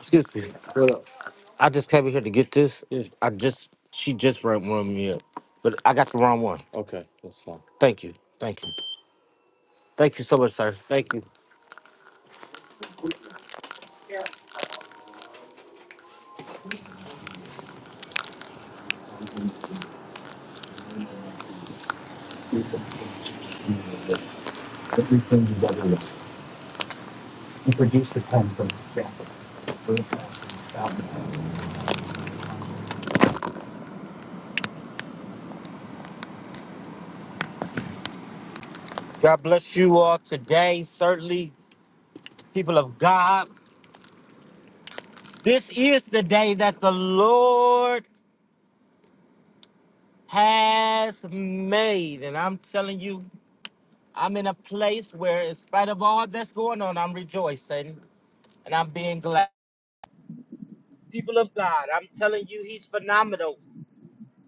Excuse me. I just came here to get this. Yeah. I just she just run run me up, but I got the wrong one. Thank you. Thank you. Thank you so much, sir. Thank you. God bless you all today. Certainly, people of God, this is the day that the Lord has made, and I'm telling you, I'm in a place where, in spite of all that's going on, I'm rejoicing and I'm being glad. People of God, I'm telling you, he's phenomenal.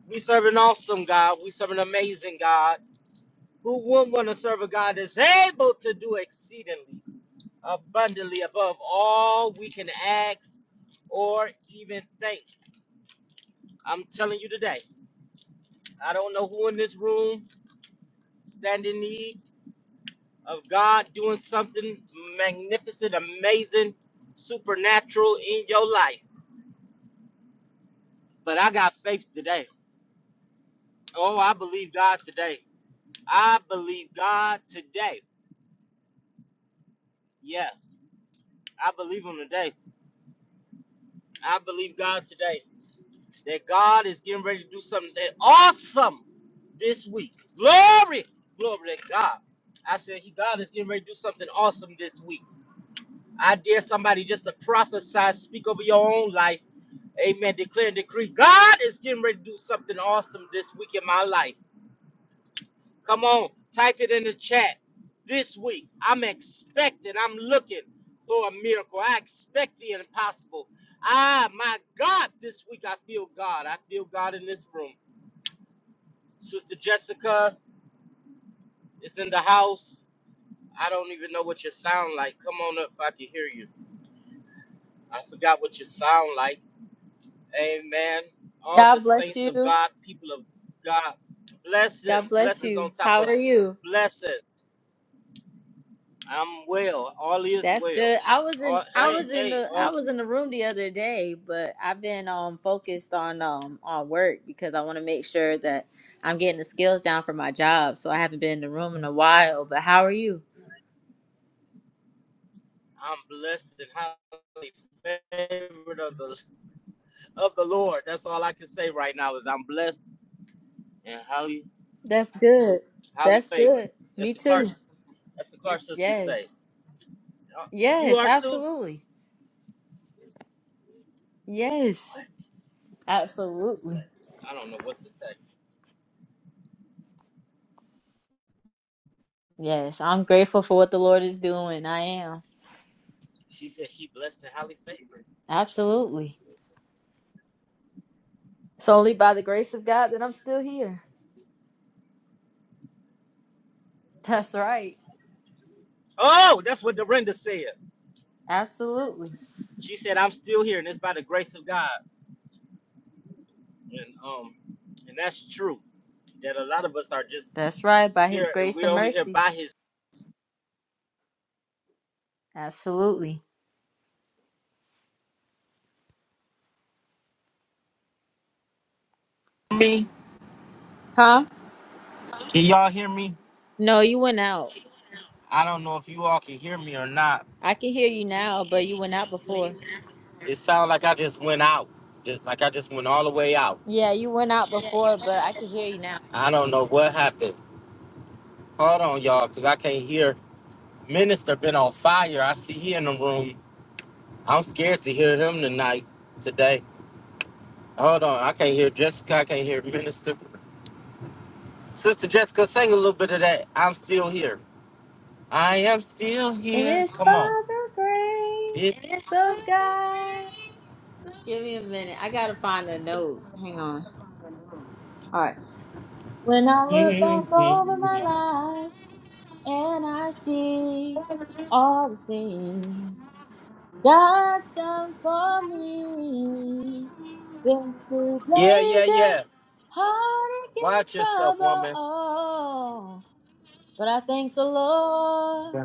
We serve an awesome God. We serve an amazing God. Who wouldn't want to serve a God that's able to do exceedingly, abundantly, above all we can ask or even think? I'm telling you today, I don't know who in this room stand in need of God doing something magnificent, amazing, supernatural in your life, but I got faith today. Oh, I believe God today. I believe God today. Yeah, I believe him today. I believe God today that God is getting ready to do something that awesome this week. Glory, glory to God. I said, He God is getting ready to do something awesome this week. I dare somebody just to prophesy, speak over your own life. Amen. Declare and decree. God is getting ready to do something awesome this week in my life. Come on, type it in the chat. This week, I'm expecting, I'm looking for a miracle. I expect the impossible. Ah, my God, this week I feel God. I feel God in this room. Sister Jessica is in the house. I don't even know what you sound like. Come on up if I can hear you. I forgot what you sound like. Amen. All God the bless saints of you. God, people of God, God blessings, bless blessings you. on top How of are you? blessings. I'm well. All is That's well. good. I was All, in I hey, was in hey, the I all, was in the room the other day, but I've been um focused on um on work because I want to make sure that I'm getting the skills down for my job. So I haven't been in the room in a while. But how are you? I'm blessed and highly favored of the of the Lord. That's all I can say right now is I'm blessed and highly That's good. highly That's favored. good. That's Me the Clark. too. That's the Clark sisters Yes. say. Uh, You Yes, are too. absolutely. Yes. What? Absolutely. I don't know what to say. Yes. I'm grateful for what the Lord is doing. I am. She said she blessed and highly favored. Absolutely. It's only by the grace of God that I'm still here. That's right. Oh, that's what Dorinda said. Absolutely. She said I'm still here and it's by the grace of God. And um, and that's true that a lot of us are just That's right. By his here and grace we're and only here mercy. by his Absolutely. Can Huh? y'all hear me? No, you went out. I don't know if you all can hear me or not. I can hear you now, but you went out before. It sounds like I just went out. Just like I just went all the way out. Yeah, you went out before, but I can hear you now. I don't know what happened. Hold on, y'all, because I can't hear. Minister been on fire. I see he in the room. I'm scared to hear him tonight, today. Hold on. I can't hear Jessica. I can't hear Minister. Sister Jessica, sing a little bit of that. I'm still here. I am still And here. it's by Come on. the It's- grace of God. Give me a minute. I gotta find a note. Hang on. All right. When I look back over my life and I see all the things. God's done for me. Been through yeah, yeah, danger, yeah. heartache, and Watch yourself, trouble. woman. all. But I thank the Lord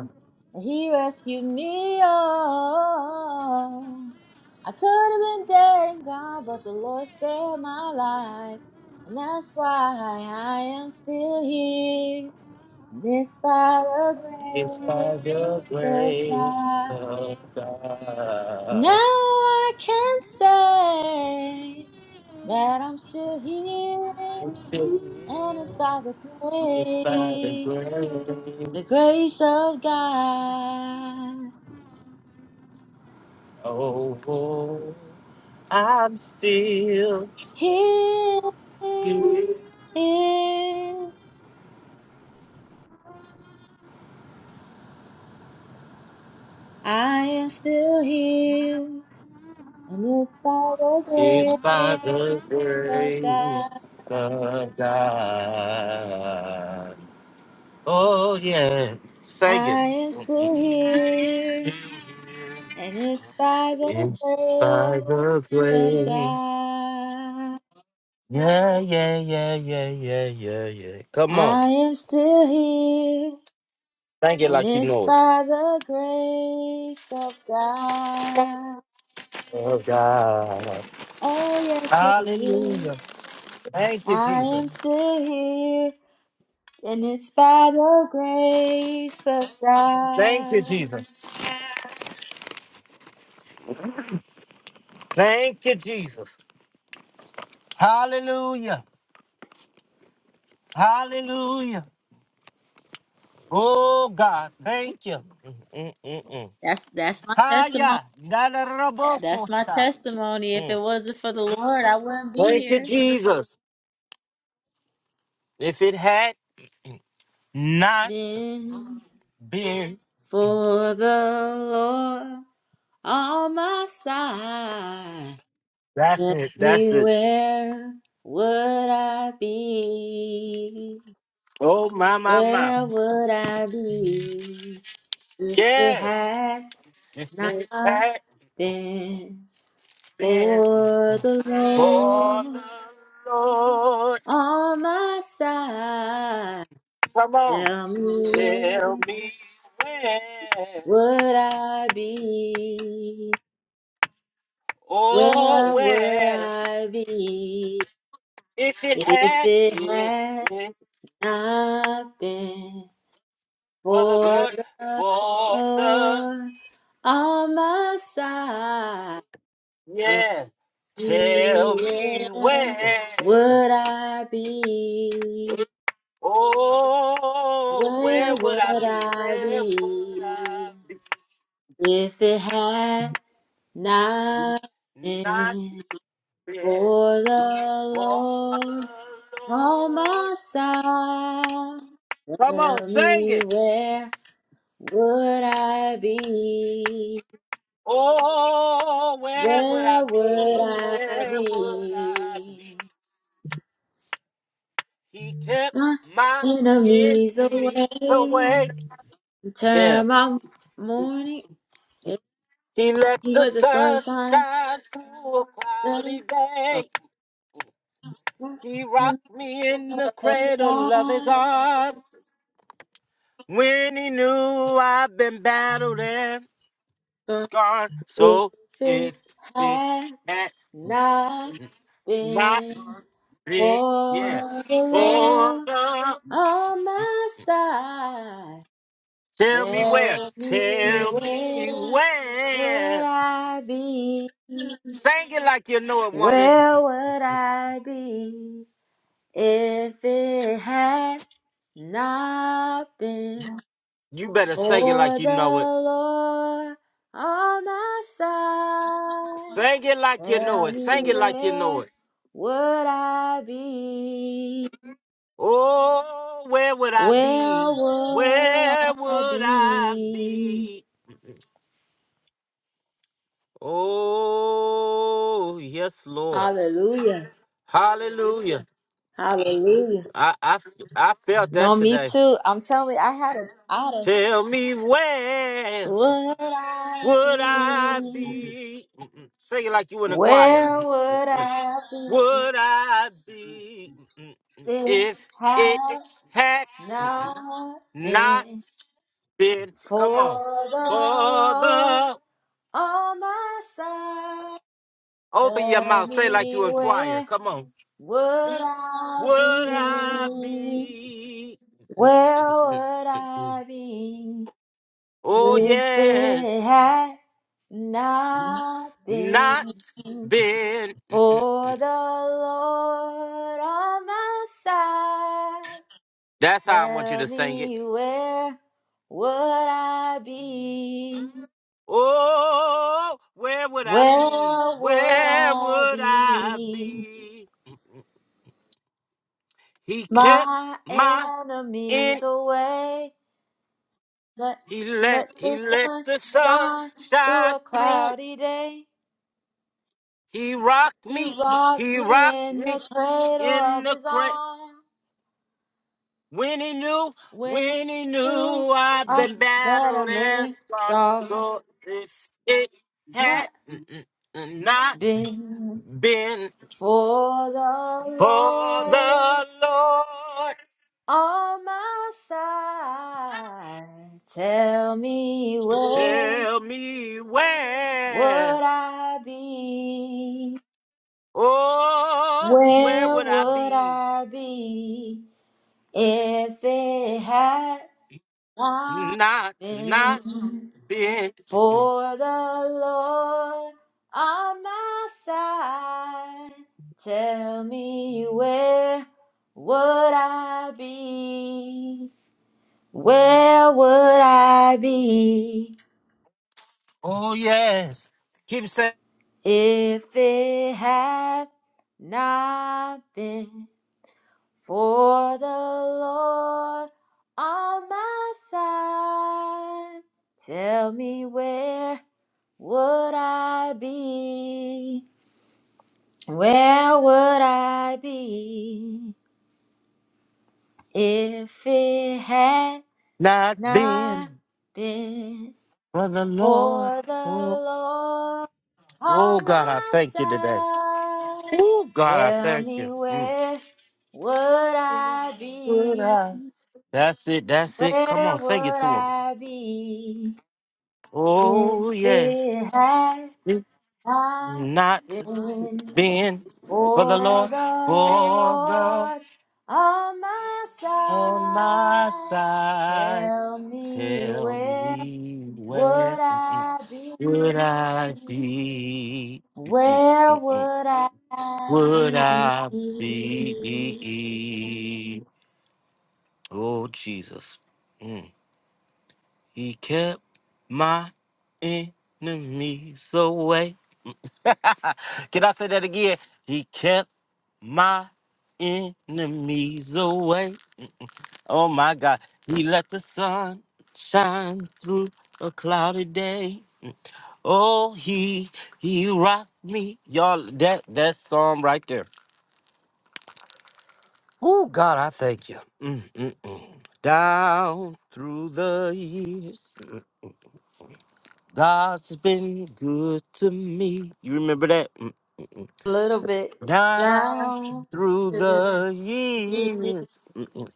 that He rescued me. all. I could have been dead and gone, but the Lord spared my life. And that's why I am still here. And it's by the grace of grace God. of Now God. I can say that I'm still here, I'm still here, and it's by the it's by the grace, the grace. grace of God. Oh, oh. I'm still Here here, I am still here, and it's by it's the by grace the of God. grace of God. Oh, yeah, sing it. I am still here, And it's by the It's by grace the of grace. God Yeah, yeah, yeah, yeah, yeah, yeah, yeah. Come on. I am still here. Thank you, And like you it's know it. by the grace of God. Oh, yes, it Hallelujah. is. Thank you, I Jesus. am still here. And it's by the grace of God. Jesus. Thank you, Jesus. Hallelujah. Hallelujah. Oh God, thank you. Mm, mm, mm, That's that's my testimony. Haya. That's my Nadarabokosha. testimony. If mm. it wasn't for the Lord, I wouldn't be Thank you, here. Jesus. If it had Not Been been. for the Lord. on my side. That's Tell it. That's me it. where would I be? Oh my my my. Where would I be? if It Yes. had If not it had been been for the for Lord the Lord. on my side. Come on. Tell me Tell me where, where would I be? oh Where would where, I be if it if had, it if had it I've been for the for Lord, the for the Lord on my side. Tell yeah. me Tell me where where, would I be? oh Where where would I would be? I Where would I be be? if it had not Not been there for the for Lord the on Lord. my side? Come on, Tell sing me it. where. would I be? Oh, where would I Where be? would I Where would I be? be? He kept My my enemies enemies away. away. Yeah. Turn my morning into He let the the sun sunshine. shine through a Day. cloudy A day. woman He rocked me in of the the cradle of his times. arms when he knew I'd been battled and For scarred. If So it if it had had not not been been, for yeah, the for Lord the on my side. Tell me where. Tell me Tell me where would where. I be? Sing it like you know it, woman. Where would I be if it had not been You better sing it like for you the know it. Lord on my side? Sing it like you know Tell it. Sing me it like you know where it. would I be? Oh, where would I Where be? would Where I would I be? be? Oh, yes, Lord. Hallelujah. Hallelujah. Hallelujah. I, I, I felt that No, me today. too. I'm telling you, I had a, I had a, Tell me where. would I Would I be? be? Mm-mm. Sing it like you in the choir. Where would Mm-mm. I be? Would I be Mm-mm. If if it had had Mm-mm. not not been been? Come for on, the for Lord the on my side. open your Tell mouth. Say it like me you in choir. where Come on. would I Would I be? be? Where Mm-mm. would I be Oh if yes, it had not not been? been. Mm-mm. For the Lord on my side, That's how I want you tell to sing it. me where would I be? Oh, where would I be? Where would Where I would I be? be? He kept My my enemies in. away. Let, He let let he the let sun the sun shine through shine a through. cloudy day. He rocked He me. rocked He me rocked in the me cradle in of the his crack. arm. When he knew, When when he you knew I'd are been better battled and lift scarred. off, So if it had not not been been for the for Lord the Lord. on my side, tell me where Tell me where, would I be? oh, where Where would I would be? I be if it had not Not, not been? been. For the Lord on my side, tell me where would I be? Where would I be Oh, yes. Keep saying, if it had not been for the Lord on my side? Tell me where would I be? Where would I be if it had not been not been for the Lord. for the For, Lord oh, on God, I my thank you today. side? Oh, God, I Tell thank you. me Mm. where would I be? That's it. That's it. Come Where on, sing it would to him. I be if Oh, yes. it had not Not been been for the For Lord. the For the Lord on my on my side, side. tell me Tell where me where would mm, I would be? I be? Mm, Where mm, mm. would I Would be? I be? Oh, Jesus. Mm. He kept my enemies away. Can I say that again? He kept my enemies away. Oh my God. He let the sun shine through a cloudy day. Oh, he he rocked me. Y'all, that that song right there. Oh God, I thank you. Mm, mm, mm. Down through the years, God's been good to me. You remember that? Mm. A little bit Down down through to the me. years, mm, mm.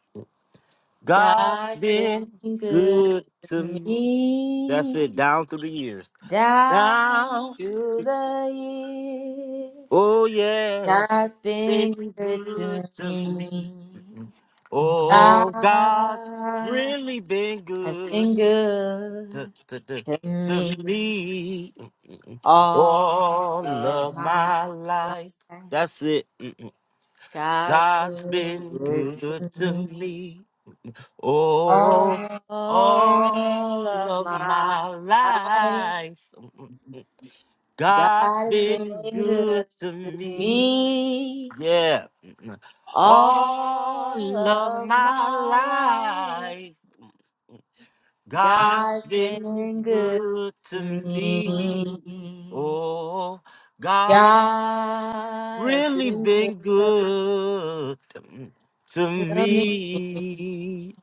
God's God's been been good good to to me. That's me. it. Down through the years. Down Down. through the years. Oh yes, God's it's been been good good to to me. me. Oh, God's God really been has good been to, good to, to, to to me me all all of of my my life. life. That's it. Mm-mm. God's God's been been good good to to me me. Oh, all all of of my my life. life. God God's has been been good good to to me. me Yeah. all All of of my my life. life, God's God's been been good good to to me. me. Oh, God's God has really been good been good to to me. me,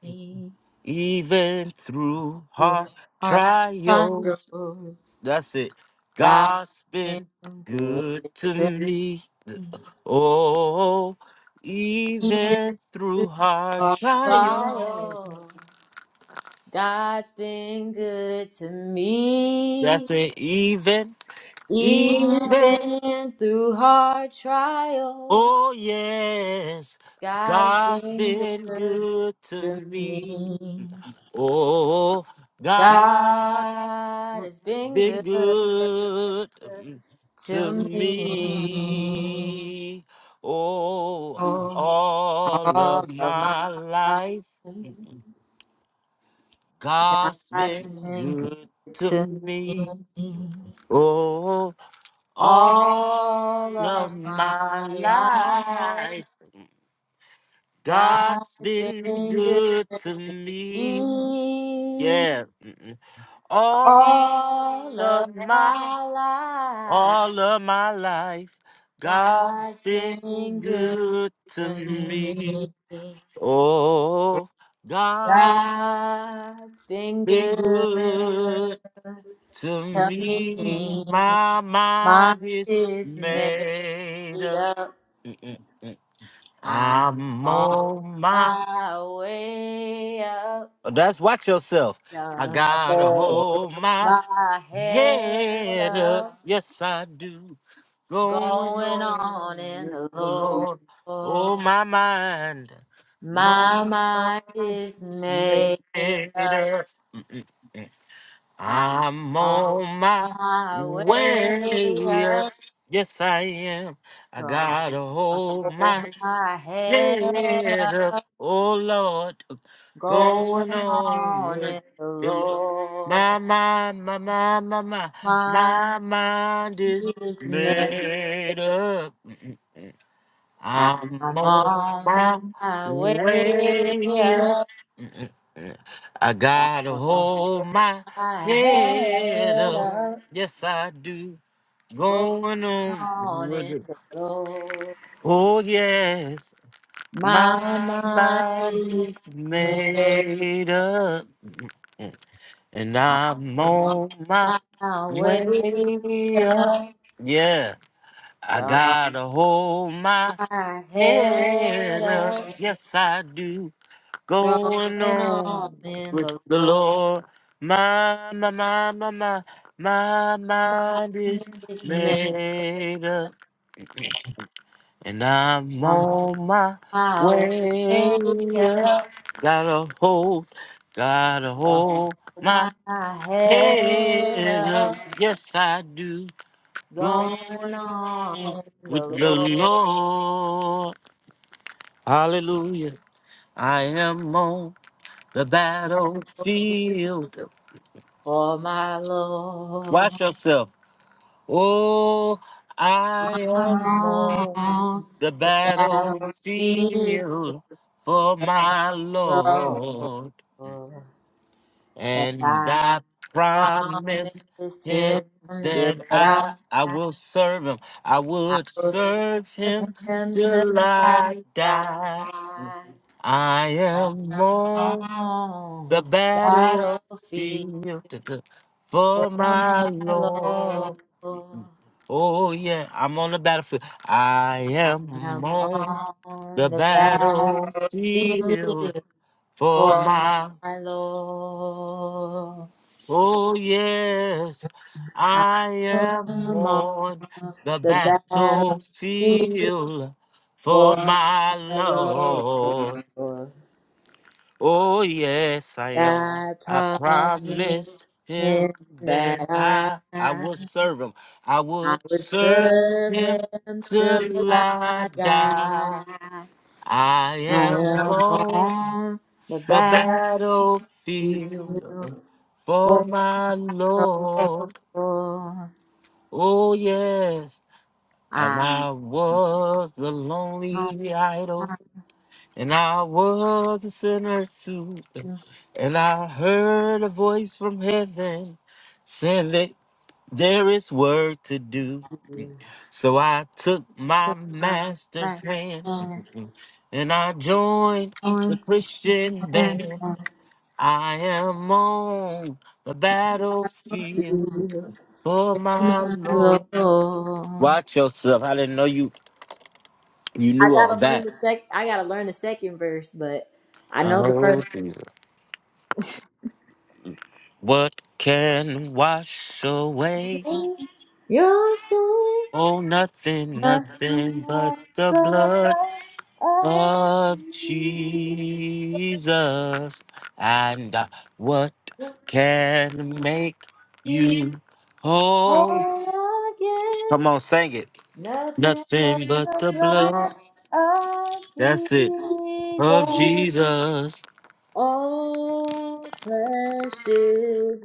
even through Through hard hard trials. trials, That's it. God's God's been been good good to to me. me. Oh, Even even through through hard hard trials. trials, God's been good to me. That's it. Even, even. Even through hard trials, Oh, yes. God has God's been been good. good to to me. me. Oh, God God has been been good good to to me me. Oh, oh, all all of of my my life. life, God's God has been been good good to to me. me Oh, all all of of my my life. life, God God's has been been good good to to me. me Yeah, Mm, mm. all all of of my my life. All of my life, God's God's been been good. good to me. Mm, Oh, God God's been been good. good to Tell me, me. My mine mind is is made made up. up. Mm, mm, mm. I'm I'm on on my. my way up. That's watch yourself. I Gonna gotta hold hold my my head Head up, up. yes I do. Going Going on on in with the the Lord. Lord. Oh my mind, my My mind mind is is made made up. up. Mm, mm, mm. I'm I'm on on my my way way up. Yes I am. I up. gotta hold hold my my head head up up, oh Lord, going going on on with in the the Lord. my Lord. mind, my mind, my mind, My my mind is is made. made up. I'm I'm on on my my way way up. up. I gotta hold hold my my head head up. up, Yes, I do. going Going on on with in it. the Lord. Oh, yes. My My mind mind is is made. made up, and I'm I'm on on my my way up. way up. Yeah, I Got gotta hold my my head head up. up. Yes, I do. Going Going on on in with the the Lord Lord. My, my, my, my, my, my my mind is is me made up. And I'm on on my my way way up. up. Gotta hold, gotta I hold hold my my head head up. up. Yes, I do. Going Going on on in the with the Lord Lord. Hallelujah. I am on the battlefield. for my Lord. Watch yourself. Oh, I am My on Lord the that'll be battlefield for my the Lord, Lord. And and I I promise promised him him that that I, I. I will serve him. I I would will serve serve him him till till I I die. die. I I am am on on the the battlefield battlefield for for my my Lord. Lord. Oh yeah, I'm on the battlefield. I I'm am on the on the battlefield battlefield for for my. my Lord. Oh yes, I I am am on on the the battlefield battlefield for for my my Lord. Lord. Oh yes, I am. Thy I promise promised him him that that I, I I have. would serve him. I I would would serve serve him him till till I I die. die. I I am am on on the the battlefield battlefield for for my the Lord. Lord. Oh, yes. And I I was the don't lonely idol, want and I was a sinner too. to And I heard a voice from heaven saying that there is work to do. be So I took my so much master's like hand and I joined the on Christian the band. I am on the battlefield battlefield, for for my my Lord. Lord. Watch yourself. I didn't know you you I knew all gotta learn that. the sec. I gotta learn the second verse, but I know the first. Oh Jesus. What can wash away? You're saying Oh nothing, nothing nothing but but the the blood blood of of Jesus. And uh, what can make You you whole? born again, Come on, sing it. nothing Nothing but the blood. but of That's it. of Jesus. Jesus. Oh, precious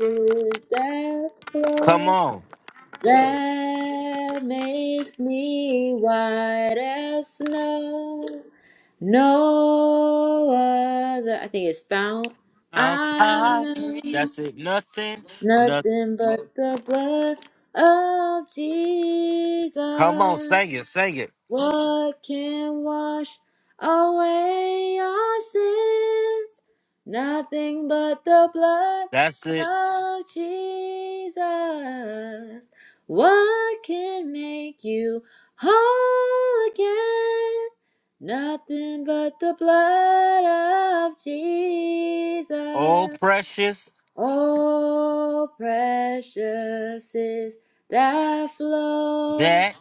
is that Come blood. on. That makes me white as snow. No other. I think it's found. Mount I high. know That's it. Nothing. Nothing. nothing but the blood of Come on, Jesus. sing it, sing it. What can wash away our sins? Nothing but the blood That's it. of Jesus. What can make you whole again? Nothing but the blood of Oh, Jesus. precious. Oh, precious is that flow That.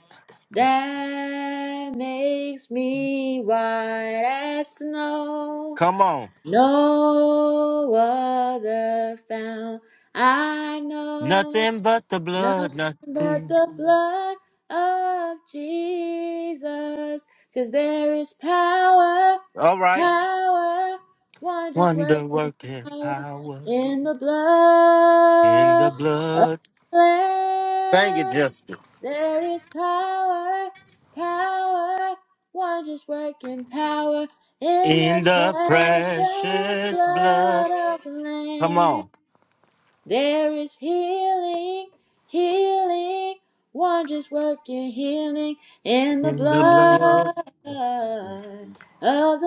that makes me white as snow. Come on. No other found I know. Nothing but the blood, Nothing but nothing. the blood of Jesus, 'cause there is power, All right. power, wonders Wonder working working power power in the in the blood of blood. the Sing it, Lamb. Justin. There is power, power, wonders working power in the In the precious precious blood. blood of the Come Lamb. on. There is healing, healing, wondrous work your healing in the In the blood. blood of the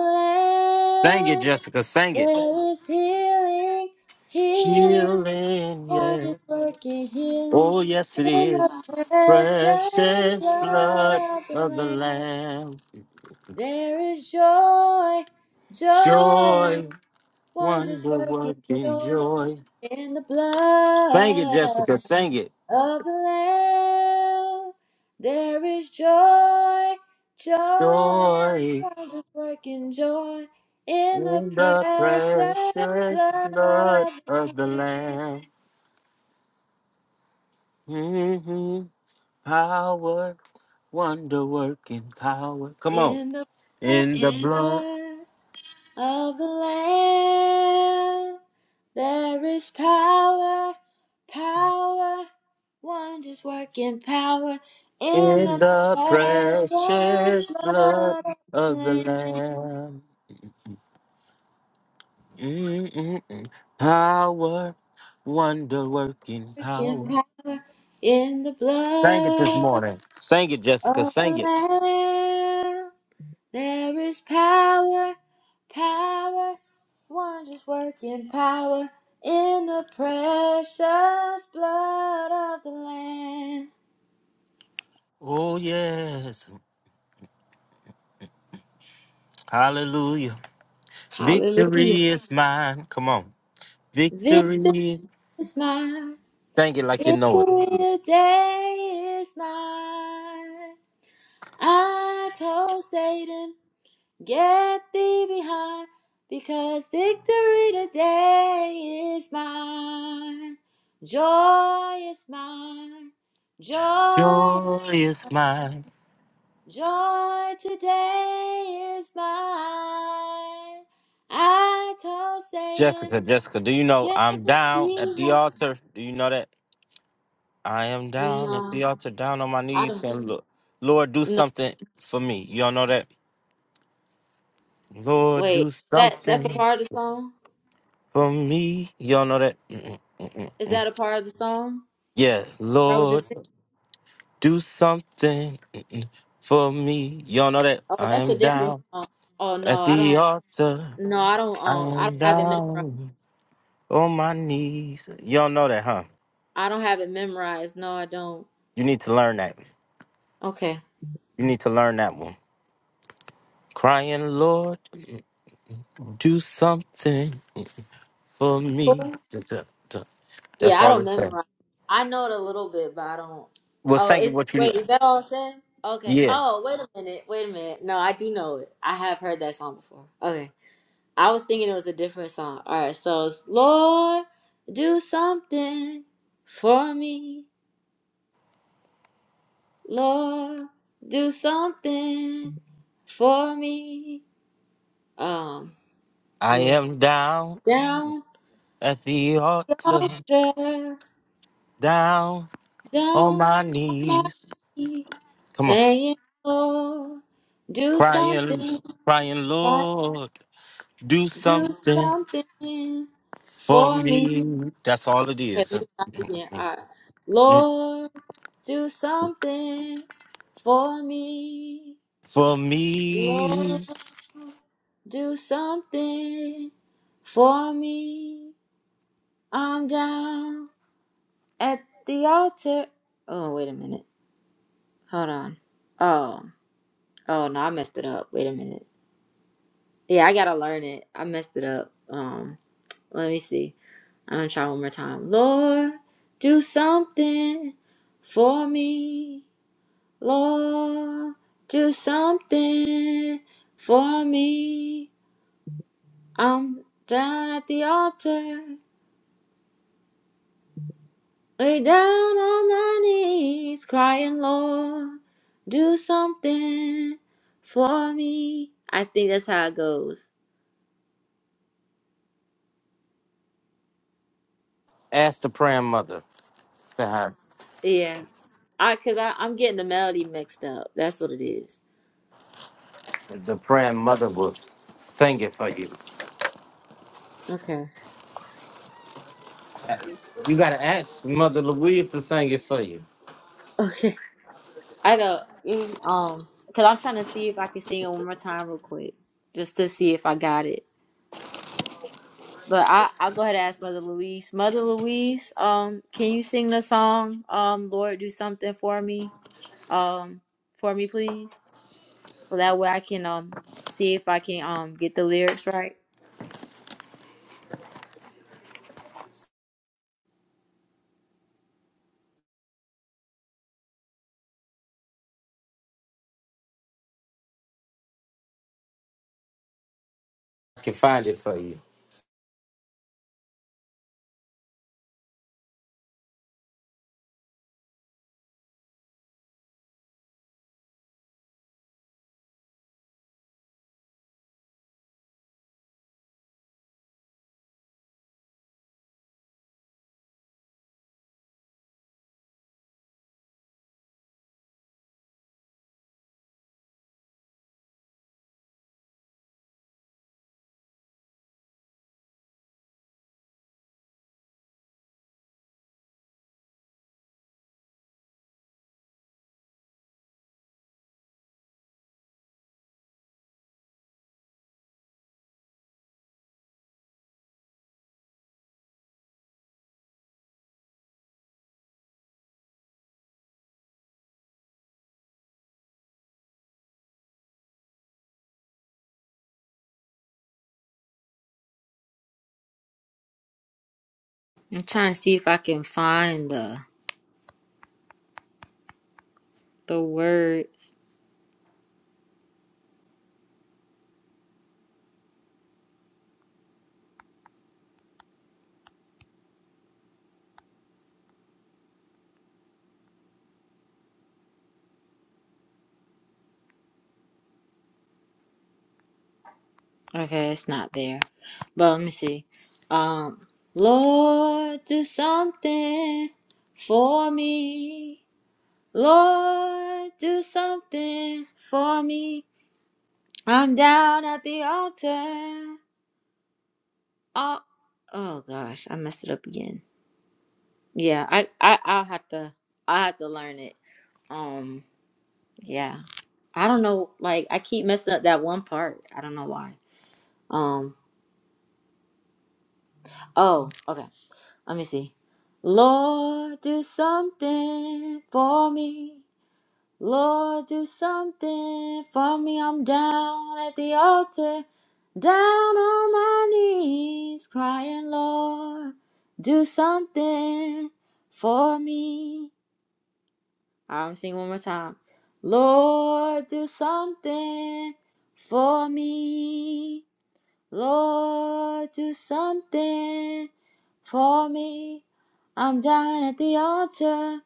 Sing it, Lamb. Jessica. Sing it. There is healing, healing, Healing, yeah. wondrous work your healing Oh, yes, it in is. the precious Precious blood blood of the of the Lamb. Lamb. There is joy, joy, Joy, wondrous wonder working working joy joy. in the Sing it, blood. Jessica, sing it. of the Lamb. There is joy, joy, Joy wondrous working joy in the in the precious precious blood blood of the of the Lamb. Lamb. hmm Power, wonder working power. Come on. In the blood In the blood, of the Lamb, there is power, power, wondrous working power in in the the precious precious blood blood of the of the Lamb. Lamb. Mm-mm-mm. Power, wonder working Freaking power. power in the Sing it this blood morning. Sing it, Jessica. of the Sing it. Lamb. There is power, power, wondrous working power in the precious blood of the Lamb. Oh, yes. Hallelujah. Hallelujah. Victory is mine. Come on. Victory Victory is. is mine. Sing it like you know it. Victory day is mine. I told Satan. Get thee behind, because victory today is mine. Joy is mine. Joy, Joy is mine. joy today is mine. I told Satan, Jessica, Jessica, do you know get I'm down thee at the behind. altar? Do you know that? I am down at the No, altar, down on my I knees, don't. saying, Lord, Lord, do No, something for me. Y'all know that? Lord, wait. do That that's a something part of the song. for me. Y'all know that. Mm-mm, mm-mm, mm. mm, Is mm. that a part of the song? Yeah, I was Lord, just singing. do something mm-mm, for me. Y'all know that Oh, I that's a am different down song. Oh at no, I don't. the altar. No, I don't. I Um, I don't am have it memorized. down on my knees. Y'all know that, huh? I don't have it memorized. No, I don't. You need to learn that. Okay. You need to learn that one. Crying, Lord, mm, mm, do something mm, for me. Cool. Duh, duh, duh. Yeah, That's I all don't it says. memorize. I know it a little bit, but I don't. Well, Oh, thank you. is What you know? wait, is that all it says? Okay. Yeah, Oh, wait a minute. Wait a minute. No, I do know it. I have heard that song before. Okay. I was thinking it was a different song. All right. So it's Lord, do something for me. Lord, do something for me. Um. I Ooh. am down Down. at the altar. altar, Down. on down my on my knees. knees, Come on. saying, Lord, do Crying, something, crying, God, Lord, do do something something for for me. Okay, me. That's all it let is. me Mm, start mm, again. mm. All right. mm. Lord, do something for me. For Lord, me. do something for me. I'm down at the altar. Oh, wait a minute. Hold on. Oh. Oh no, I messed it up. Wait a minute. Yeah, I gotta learn it. I messed it up. Um, let me see. I'm gonna try one more time. Lord, do something for me. Lord, do something for me. I'm down at the altar, lay down on my knees, crying, Lord, do something for me. I think that's how it goes. Ask the praying mother. The Yeah. I right, cause I, I'm getting the melody mixed up. That's what it is. the praying mother will sing it for you. Okay. You gotta ask Mother Louise to sing it for you. Okay. I know. You- Um, cause I'm trying to see if I can sing it one more time real quick, just to see if I got it. But I I'll go ahead and ask Mother Louise. Mother Louise, um, can you sing the song? Um, Lord, do something for me. Um, for me, please. So that way I can um see if I can um get the lyrics right. I can find it for you. I'm trying to see if I can find the the words. Okay, it's not there. But let me see. Um, Lord, do something for me. Lord, do something for me. I'm down at the altar. Oh, oh gosh, I messed it up again. Yeah, I, I, I'll have to, I have to learn it. Um, yeah, I don't know. Like, I keep messing up that one part. I don't know why. Um, oh, okay. Let me see. Lord, do something for me. Lord, do something for me. I'm down at the altar, down on my knees, crying, Lord, do something for me. All right, I'm gonna sing one more time. Lord, do something for me. Lord, do something for me. I'm down at the altar,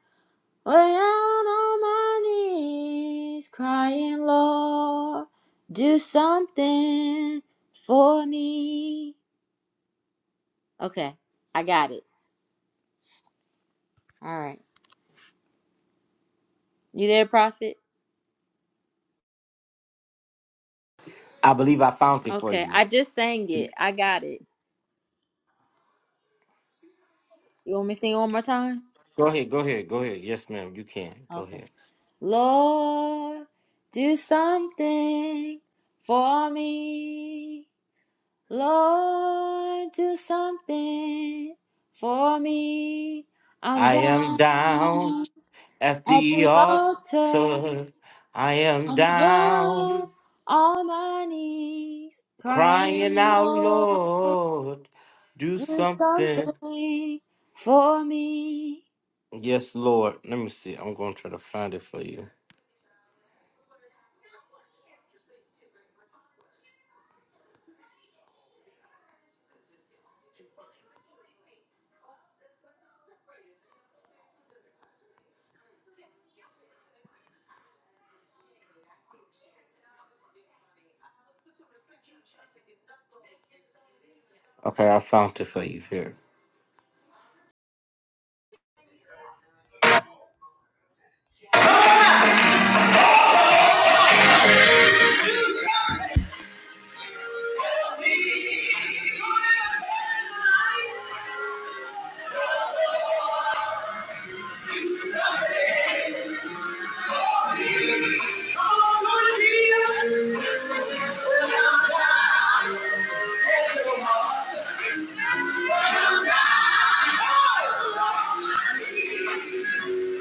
way down on my knees, crying, Lord, do something for me. Okay, I got it. All right. You there, prophet? I believe I found it for Okay, you. I just sang it. I got it. You want me to sing it one more time? Go ahead, go ahead, go ahead. Yes, ma'am, you can. Go Okay. ahead. Lord, do something for me. Lord, do something for me. I'm I am down down At at the the altar. altar, I am I'm down, down on my knees, crying, crying out, Lord, Lord, do do something. something for me. Yes, Lord. Let me see. I'm going to try to find it for you. Okay, I found it for you here.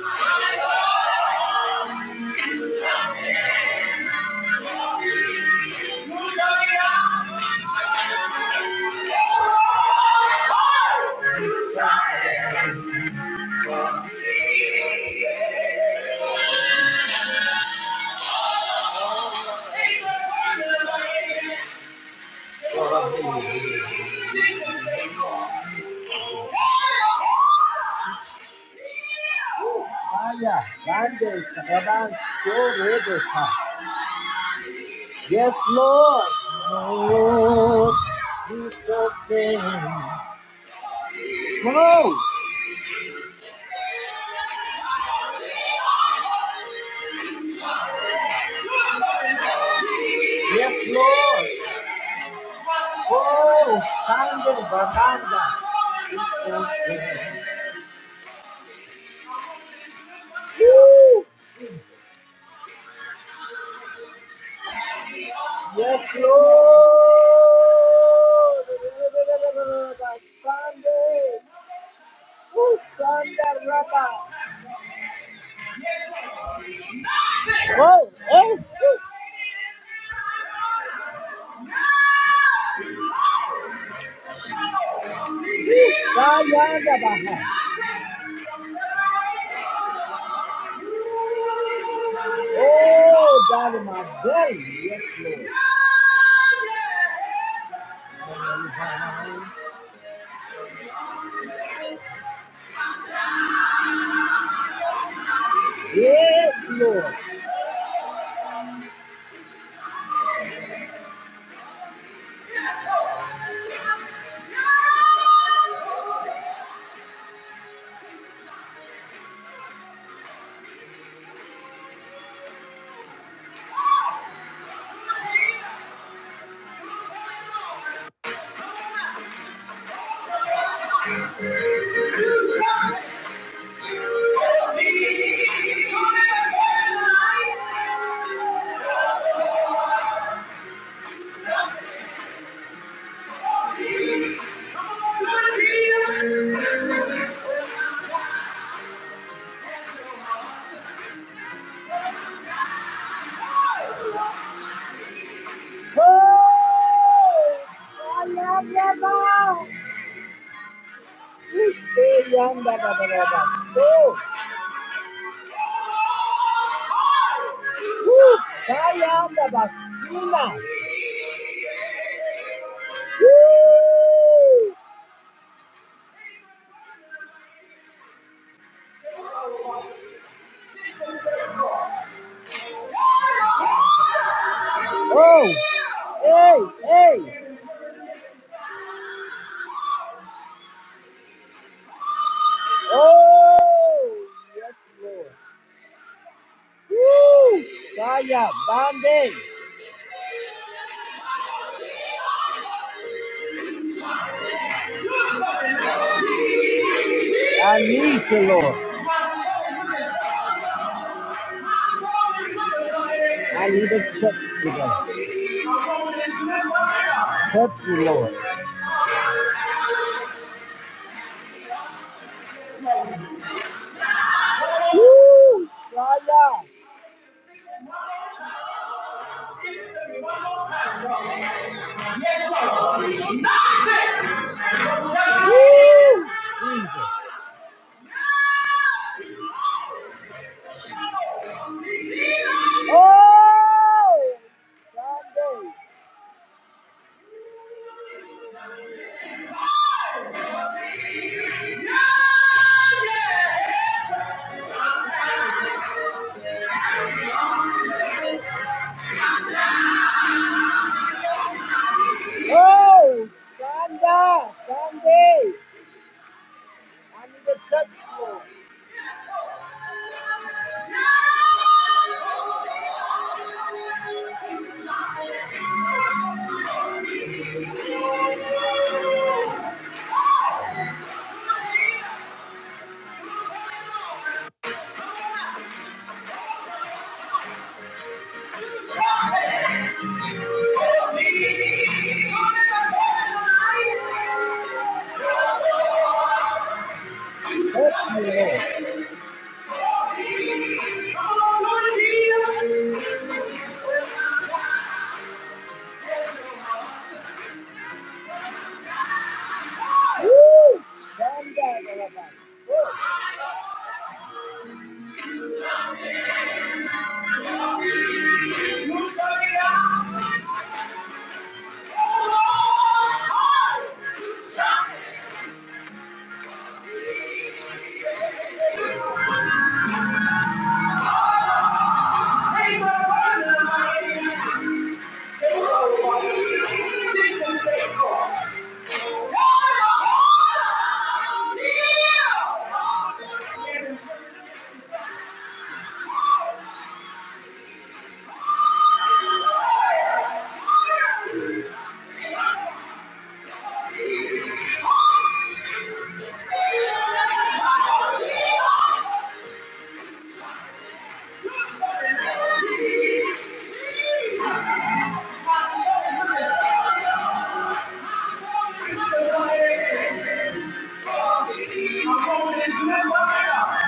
Yeah. Aya, Bande, so huh? Yes, Lord. Oh, yes, Lord. So Lord. What? Come on, let's hear. Uh! I need you, Lord. I need a touch today. Touch me, Lord. Woo! Yes, Lord. Nothing. shall Woo! Oh. Thank you. I'm going to do it.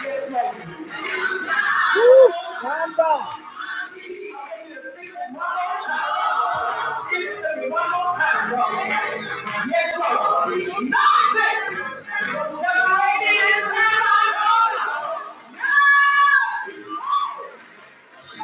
Yes, Lord. Woo! Time bomb. Yes, Lord. Nothing separated is not Thank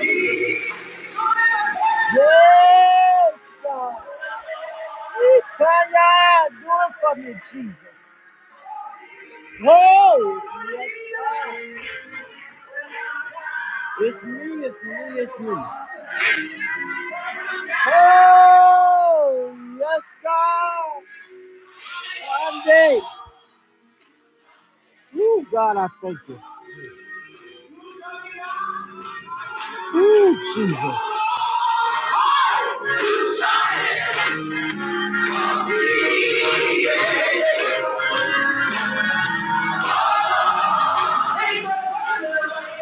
you. Yes, God. Isaiah, do it for me. Oh, Yes, God. It's me, it's me, it's me. Oh, yes, God. Sunday. Ooh, God, I thank you. Ooh, Jesus.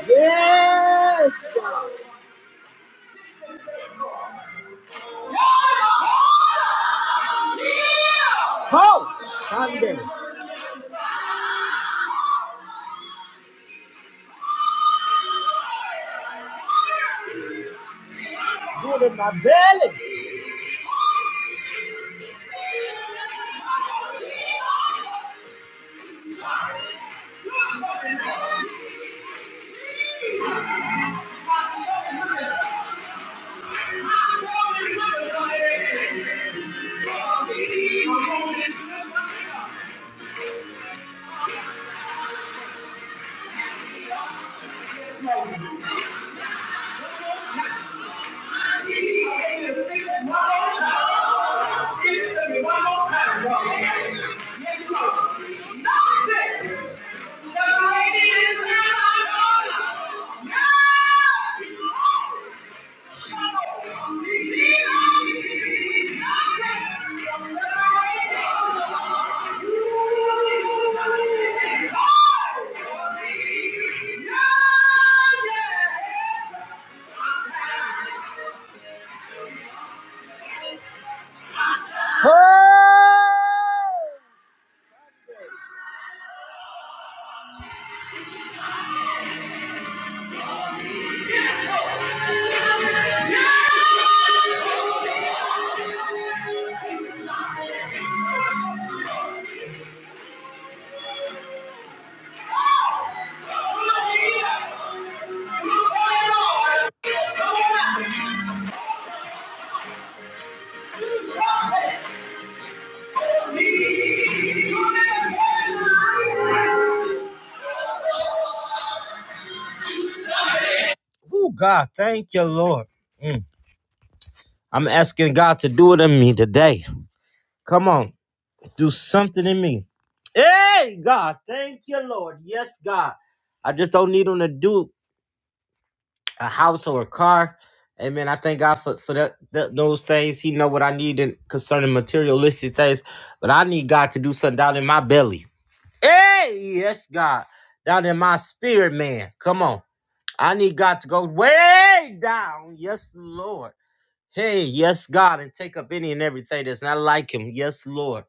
Yes, God. Oh, Sunday. Do it in my belly. Yes, Lord. Separated is not Oh God, thank you, Lord. Mm. I'm asking God to do it in me today. Come on, do something in me. Hey, God, thank you, Lord. Yes, God. I just don't need him to do a house or a car. Amen. I thank God for, for that, that- those things. He know what I need in, concerning materialistic things, but I need God to do something down in my belly. Hey, yes, God, down in my spirit, man. Come on, I need God to go way down. Yes, Lord. Hey, yes, God, and take up any and everything that's not like him. Yes, Lord.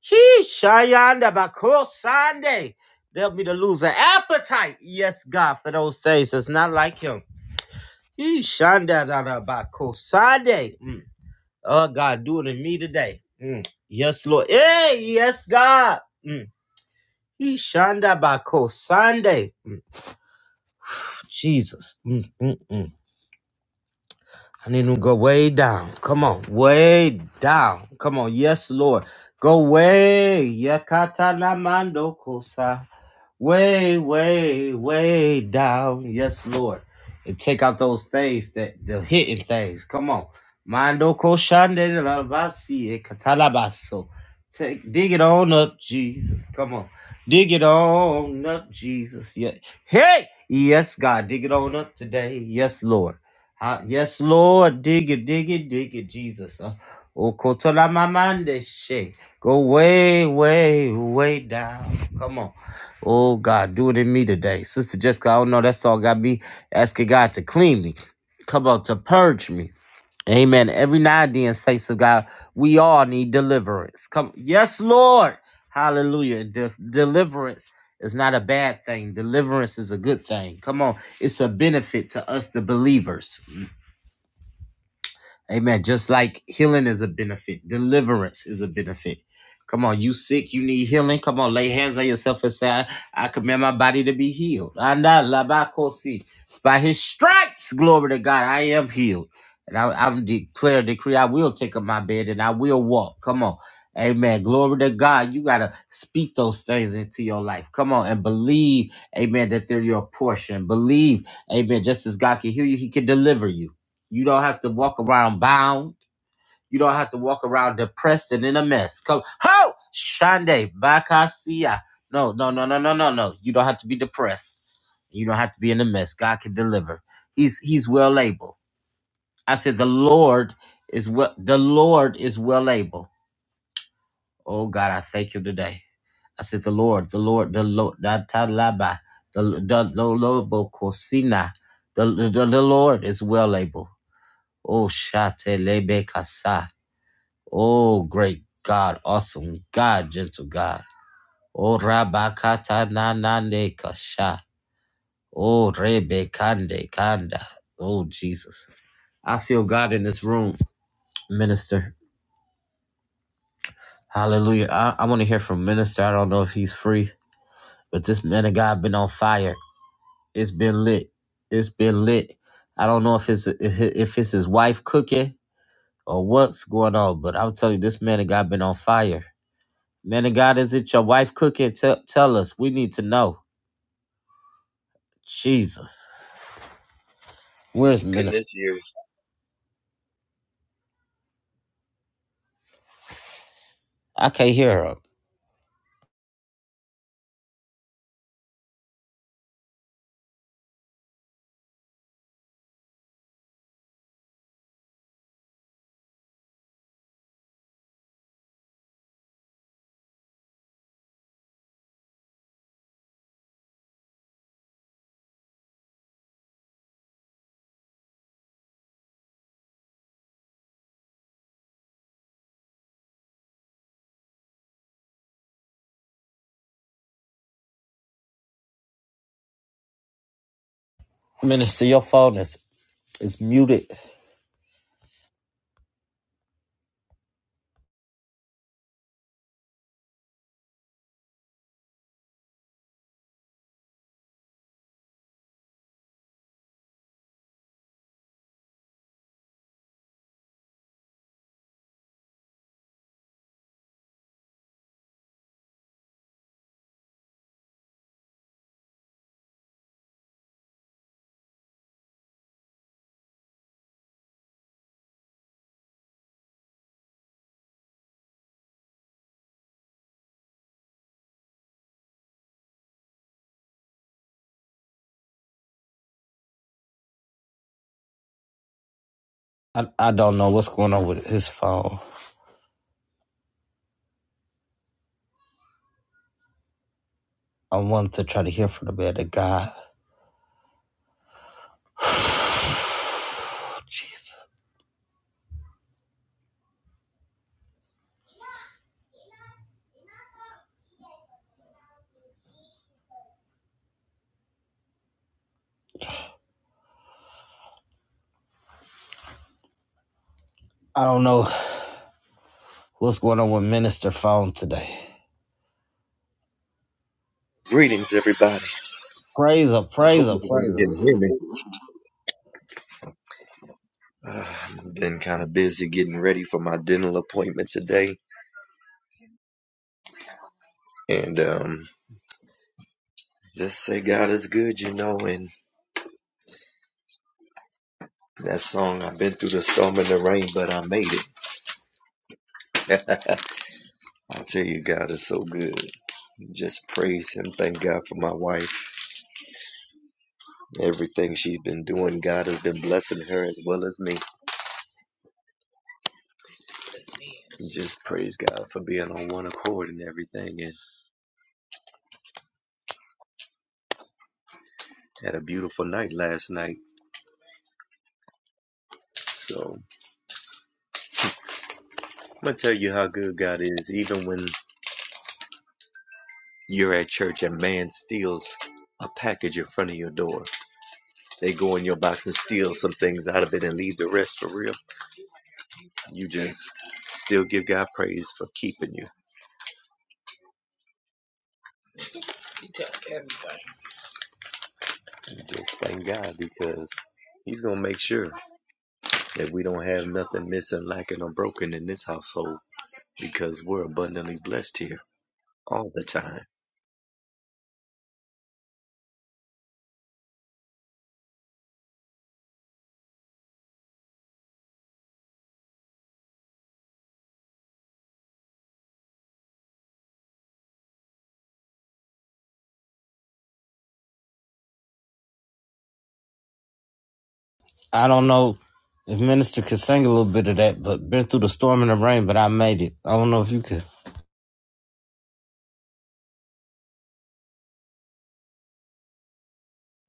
He Shayanda Bako Sunday. Help me to lose an appetite. Yes, God, for those things that's not like him. He Shanda da da Bako Sunday. Mm. Oh God, do it in me today. Mm. Yes, Lord. Hey, yes, God. Mm. He Shanda Bako Sunday. Mm. Jesus. Mm, mm, mm. I need him to go way down. Come on, way down. Come on, yes, Lord. Go way. Yakata namando kosa. Way, way, way down. Yes, Lord. And take out those things that the hidden things. Come on. Mando koshande rabasi katalabaso. Take dig it on up, Jesus. Come on. Dig it on up, Jesus. Yeah. Hey! Yes, God, dig it on up today. Yes, Lord. Ha- yes, Lord. Dig it, dig it, dig it, Jesus. Uh, Okotolamamande she. Go way, way, way down. Come on. Oh, God, do it in me today. Sister Jessica, I don't know. That's all got me asking God to clean me. Come on, to purge me. Amen. Every now and then, saints of God, we all need deliverance. Come. Yes, Lord. Hallelujah. De- deliverance is not a bad thing. Deliverance is a good thing. Come on. It's a benefit to us, the believers. Amen. Just like healing is a benefit, deliverance is a benefit. Come on, you sick, you need healing. Come on, lay hands on yourself and say, I I command my body to be healed. Anda labakosi. By his stripes, glory to God, I am healed. And I, I'm declare, decree, I will take up my bed and I will walk. Come on. Amen. Glory to God. You got to speak those things into your life. Come on and believe, amen, that they're your portion. Believe, amen, just as God can heal you, he can deliver you. You don't have to walk around bound. You don't have to walk around depressed and in a mess. Come, ho, Shande, Bakasia. No, no, no, no, no, no, no. You don't have to be depressed. You don't have to be in a mess. God can deliver. He's He's well able. I said the Lord is well. The Lord is well able. Oh God, I thank you today. I said the Lord, the Lord, the Lord, the Talaba, the the the Lord, Bokosina. the the the Lord is well able. Oh, shate lebe kasa. Oh, great God, awesome God, gentle God. Oh, Rabakata na na ne kasha. Oh, Rebe kande kanda. Oh, Jesus. I feel God in this room, minister. Hallelujah. I, I want to hear from minister. I don't know if he's free, but this man of God been on fire. It's been lit. It's been lit. I don't know if it's if it's his wife cooking or what's going on, but I'm telling you, this man of God been on fire. Man of God, is it your wife cooking? Tell, tell us. We need to know. Jesus. Where's Minister? Goodness year. I can't hear her. I, I don't know what's going on with his phone. I want to try to hear from the man of God. Jesus. I don't know what's going on with Minister phone today. Greetings, everybody. Praise her, I praise hope her, praise everybody her. can hear me. Uh, I've been kind of busy getting ready for my dental appointment today, and um, just say God is good, you know. And that song, I've been through the storm and the rain, but I made it. I tell you, God is so good. Just praise Him. Thank God for my wife. Everything she's been doing, God has been blessing her as well as me. Just praise God for being on one accord and everything. And had a beautiful night last night. So I'm gonna tell you how good God is, even when you're at church and man steals a package in front of your door. They go in your box and steal some things out of it and leave the rest for real. You just still give God praise for keeping you. You Just thank God because He's gonna make sure that we don't have nothing missing, lacking, or broken in this household because we're abundantly blessed here all the time. I don't know if Minister could sing a little bit of that, but been through the storm and the rain, but I made it. I don't know if you could.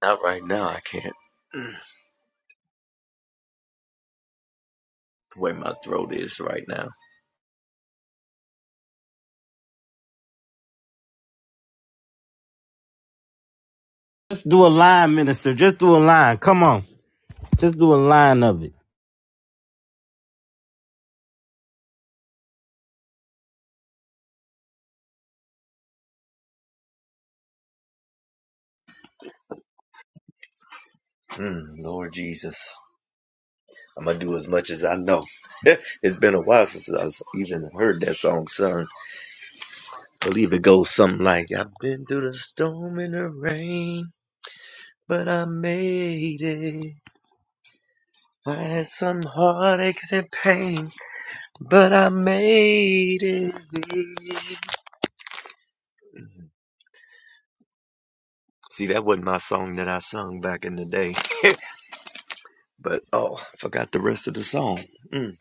Not right now, I can't. The way my throat is right now. Just do a line, Minister. Just do a line. Come on. Just do a line of it. Mm, Lord Jesus. I'm gonna do as much as I know. it's been a while since i even heard that song sung. I believe it goes something like, "I've been through the storm and the rain, but I made it. I had some heartaches and pain, but I made it." Mm-hmm. See, that wasn't my song that I sung back in the day, but oh, I forgot the rest of the song. Mm.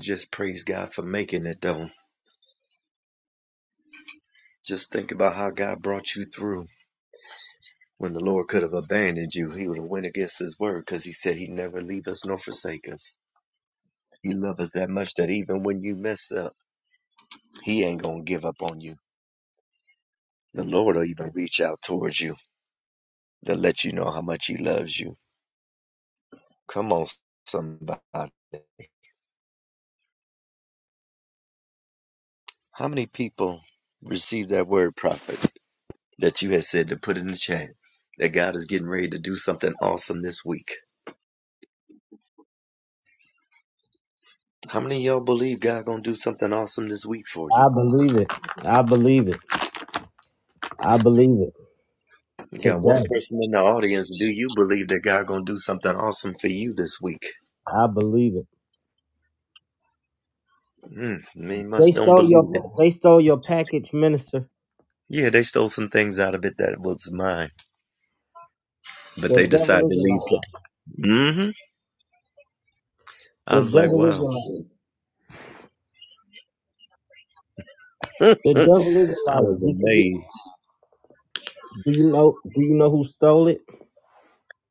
Just praise God for making it though. Just think about how God brought you through. When the Lord could have abandoned you, he would have went against his word because he said he'd never leave us nor forsake us. He loves us that much that even when you mess up, he ain't going to give up on you. The Lord will even reach out towards you to let you know how much he loves you. Come on, somebody. How many people received that word, prophet, that you had said to put in the chat that God is getting ready to do something awesome this week? How many of y'all believe God going to do something awesome this week for you? I believe it. We got one Today. person in the audience. Do you believe that God gonna do something awesome for you this week? I believe it. Mm, me They must don't stole believe it. your they stole your package, minister. Yeah, they stole some things out of it that was mine, but The they devil decided to is a leave some. liar. hmm I The was like, devil is a wow. liar. I The devil is a liar. was Did you get, amazed. do you know do you know who stole it?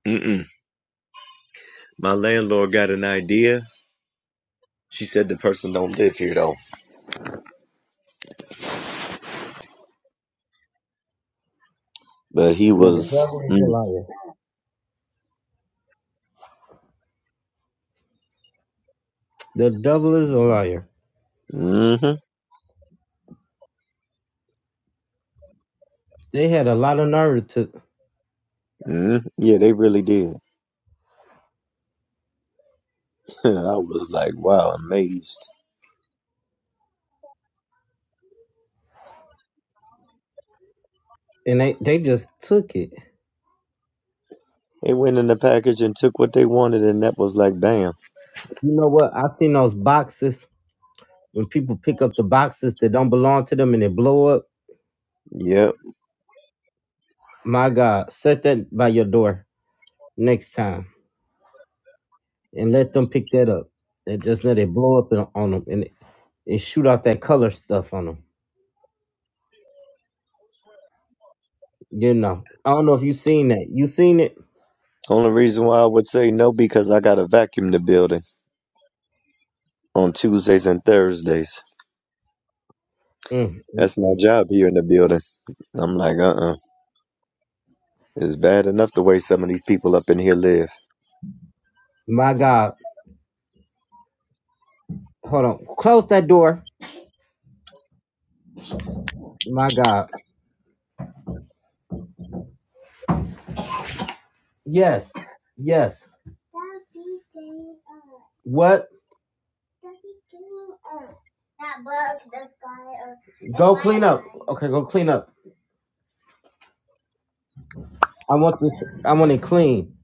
Mm-mm. My landlord got an idea. She said the person don't live here though, but he The was. devil is a Mm, liar. The devil is a liar. mm-hmm, They had a lot of nerve to mm Yeah, they really did. I was like, wow, amazed. and they, they just took it. They went in the package and took what they wanted, and that was like, bam. You know what? I seen those boxes when people pick up the boxes that don't belong to them and they blow up. Yep. My God, set that by your door next time and let them pick that up. They just let it blow up on them and. and shoot out that color stuff on them. You know, I don't know if you seen that. You seen it? Only reason why I would say no because I gotta vacuum the building on Tuesdays and Thursdays. That's my job here in the building. I'm like, uh uh It's bad enough the way some of these people up in here live. My God, hold on. Close that door. Yes, yes. What? Go clean up. Okay, go clean up. I want this. I want it clean.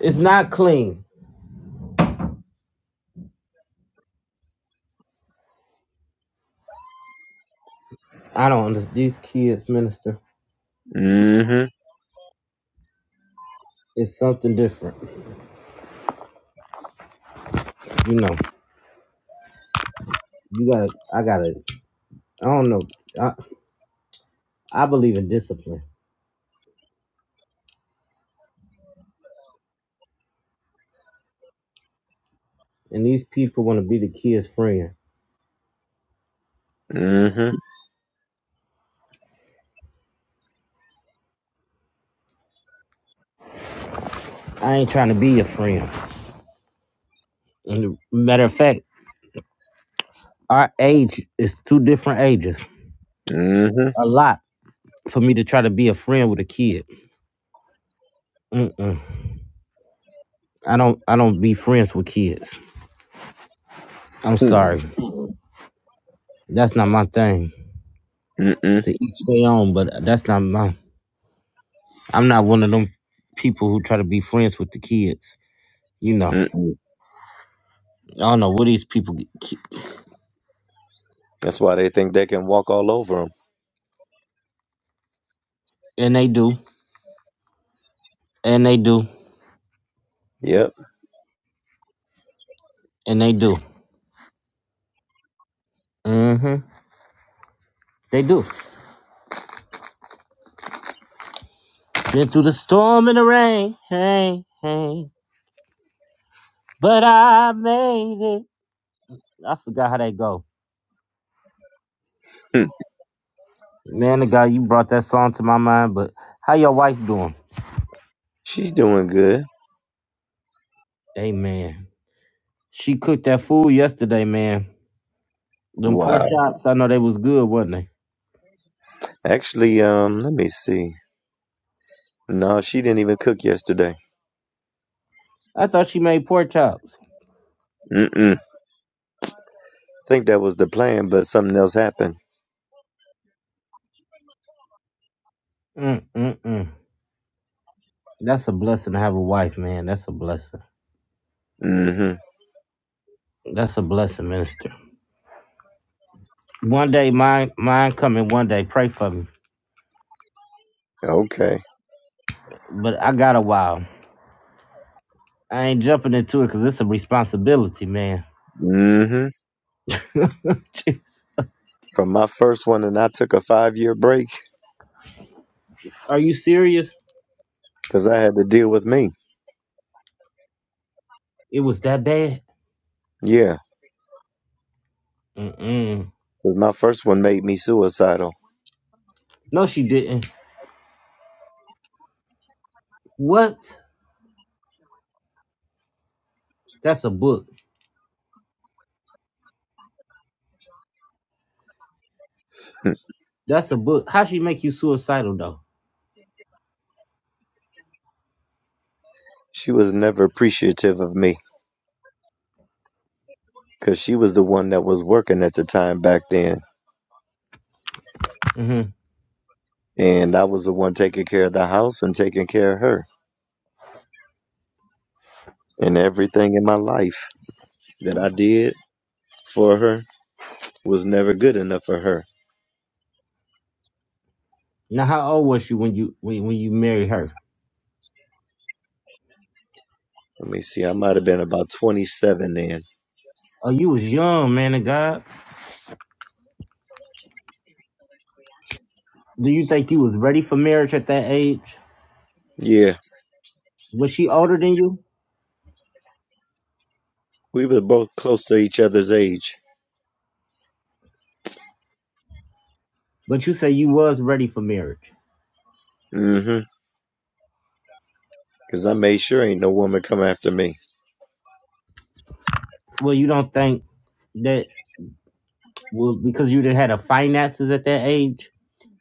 It's not clean. I don't. understand These kids, minister, Mm-hmm. it's something different. You know, you gotta. I gotta. I don't know. I, I believe in discipline, and these people want to be the kid's friend. Mm-hmm. I ain't trying to be your friend. And matter of fact, Our age is two different ages. Mm-hmm. A lot for me to try to be a friend with a kid. Mm-mm. I don't. I don't be friends with kids. I'm Hmm. sorry. That's not my thing. Mm-mm. To each their own, but that's not my. I'm not one of them people who try to be friends with the kids. You know. Mm-mm. I don't know what these people get, ki- That's why they think they can walk all over them. and they do, and they do, Yep. and they do. Mm-hmm. They do. Been through the storm and the rain, hey, hey, but I made it. I forgot how they go. Hmm. Man of God, you brought that song to my mind, but how your wife doing? She's doing good. Hey man. She cooked that food yesterday, man. Them pork Wow. chops, I know they was good, wasn't they? Actually, um, let me see. No, she didn't even cook yesterday. I thought she made pork chops. Mm-mm. I think that was the plan, but something else happened. Mm mm mm. That's a blessing to have a wife, man. That's a blessing. Mm-hmm. That's a blessing, minister. One day mine mine coming one day. Pray for me. Okay. But I got a while. I ain't jumping into it because it's a responsibility, man. hmm Jeez. From my first one, and I took a five year break Are you serious? because I had to deal with me. It was that bad? Yeah, Mm-mm. because my first one made me suicidal. No, she didn't. What? That's a book. That's a book. How she make you suicidal though? she was never appreciative of me because she was the one that was working at the time back then. hmm And I was the one taking care of the house and taking care of her. And everything in my life that I did for her was never good enough for her. Now, how old was she when you when, when you married her? Let me see, I might have been about 27 then. Oh, you was young, man of God. Do you think you was ready for marriage at that age? Yeah, Was she older than you? we were both close to each other's age. But you say you was ready for marriage. Mm-hmm. Cause I made sure ain't no woman come after me. Well, you don't think that well because you didn't have the finances at that age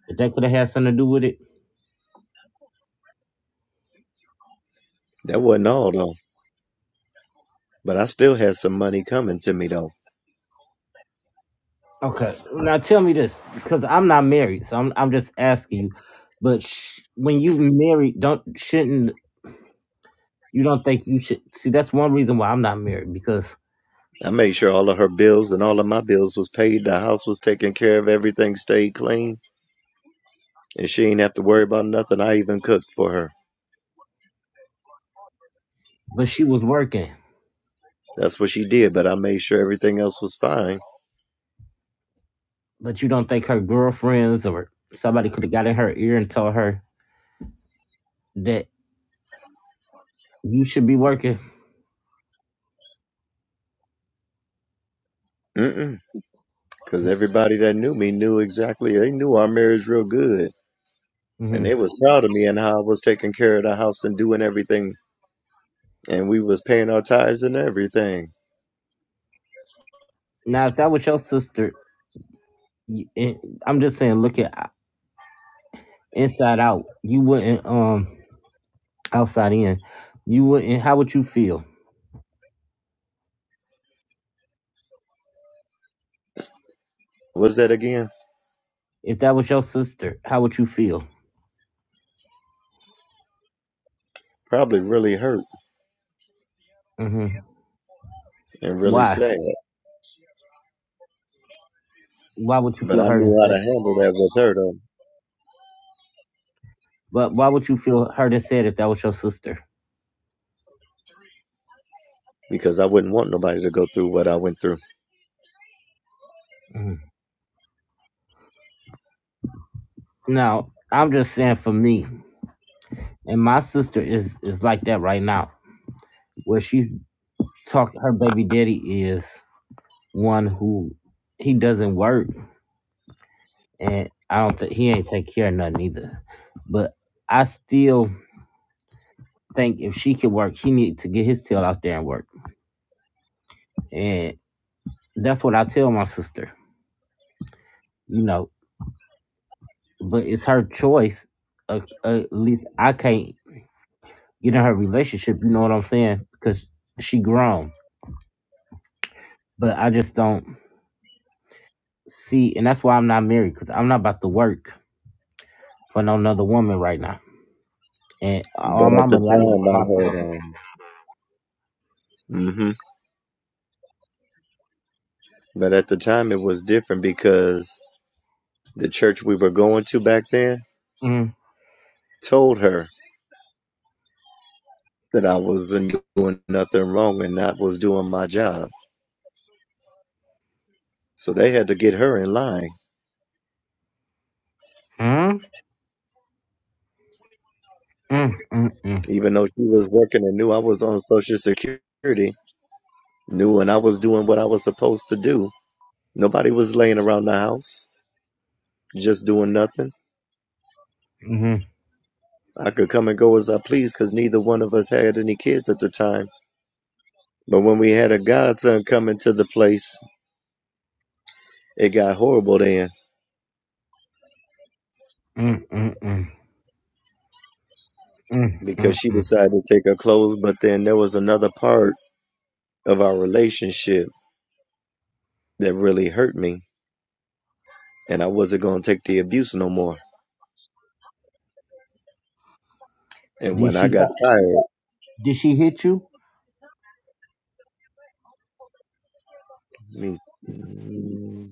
that that could have had something to do with it. That wasn't all though. But I still had some money coming to me though. Okay, now tell me this because I'm not married, so I'm I'm just asking you. But sh- when you married, don't shouldn't You don't think you should see? That's one reason why I'm not married because, I made sure all of her bills and all of my bills was paid. The house was taken care of. Everything stayed clean, and she ain't have to worry about nothing. I even cooked for her. but she was working. That's what she did. But I made sure everything else was fine. But you don't think her girlfriends or somebody could have got in her ear and told her that you should be working? Mm-mm. Cause everybody that knew me knew exactly. They knew our marriage real good. and hmm they was proud of me and how I was taking care of the house and doing everything, and we was paying our tithes and everything. Now, if that was your sister, you, and I'm just saying, look at uh, inside out. You wouldn't, um, outside in. You wouldn't. How would you feel Was that again? if that was your sister? How would you feel? Probably really hurt hmm and really Why? sad, Why would you but feel I hurt and knew how sad? to handle that with her though, But why would you feel hurt and sad if that was your sister? because I wouldn't want nobody to go through what I went through. Mhm. Now I'm just saying for me, and my sister is is like that right now, where she's talking. Her baby daddy is one who he doesn't work, and I don't think he ain't take care of nothing either. But I still think if she can work, he need to get his tail out there and work, and that's what I tell my sister. You know, but it's her choice. Uh, uh, at least I can't get in her relationship. You know what I'm saying? Because she grown. But I just don't. See, and that's why I'm not married because I'm not about to work for no another woman right now. And all But my at the money I need for myself. time, I had, um, hmm but at the time it was different because the church we were going to back then Mm, told her that I wasn't doing nothing wrong and not was doing my job. So they had to get her in line mm, mm, mm, mm, Even though she was working and knew I was on Social Security, knew and I was doing what I was supposed to do. Nobody was laying around the house just doing nothing. mhm, I could come and go as I pleased because neither one of us had any kids at the time. But when we had a godson come into the place, it got horrible then mm, mm, mm, mm, mm, because she mm. decided to take her clothes. But then there was another part of our relationship that really hurt me, and I wasn't going to take the abuse no more. And Did when I she got tired, did she hit you? I mean,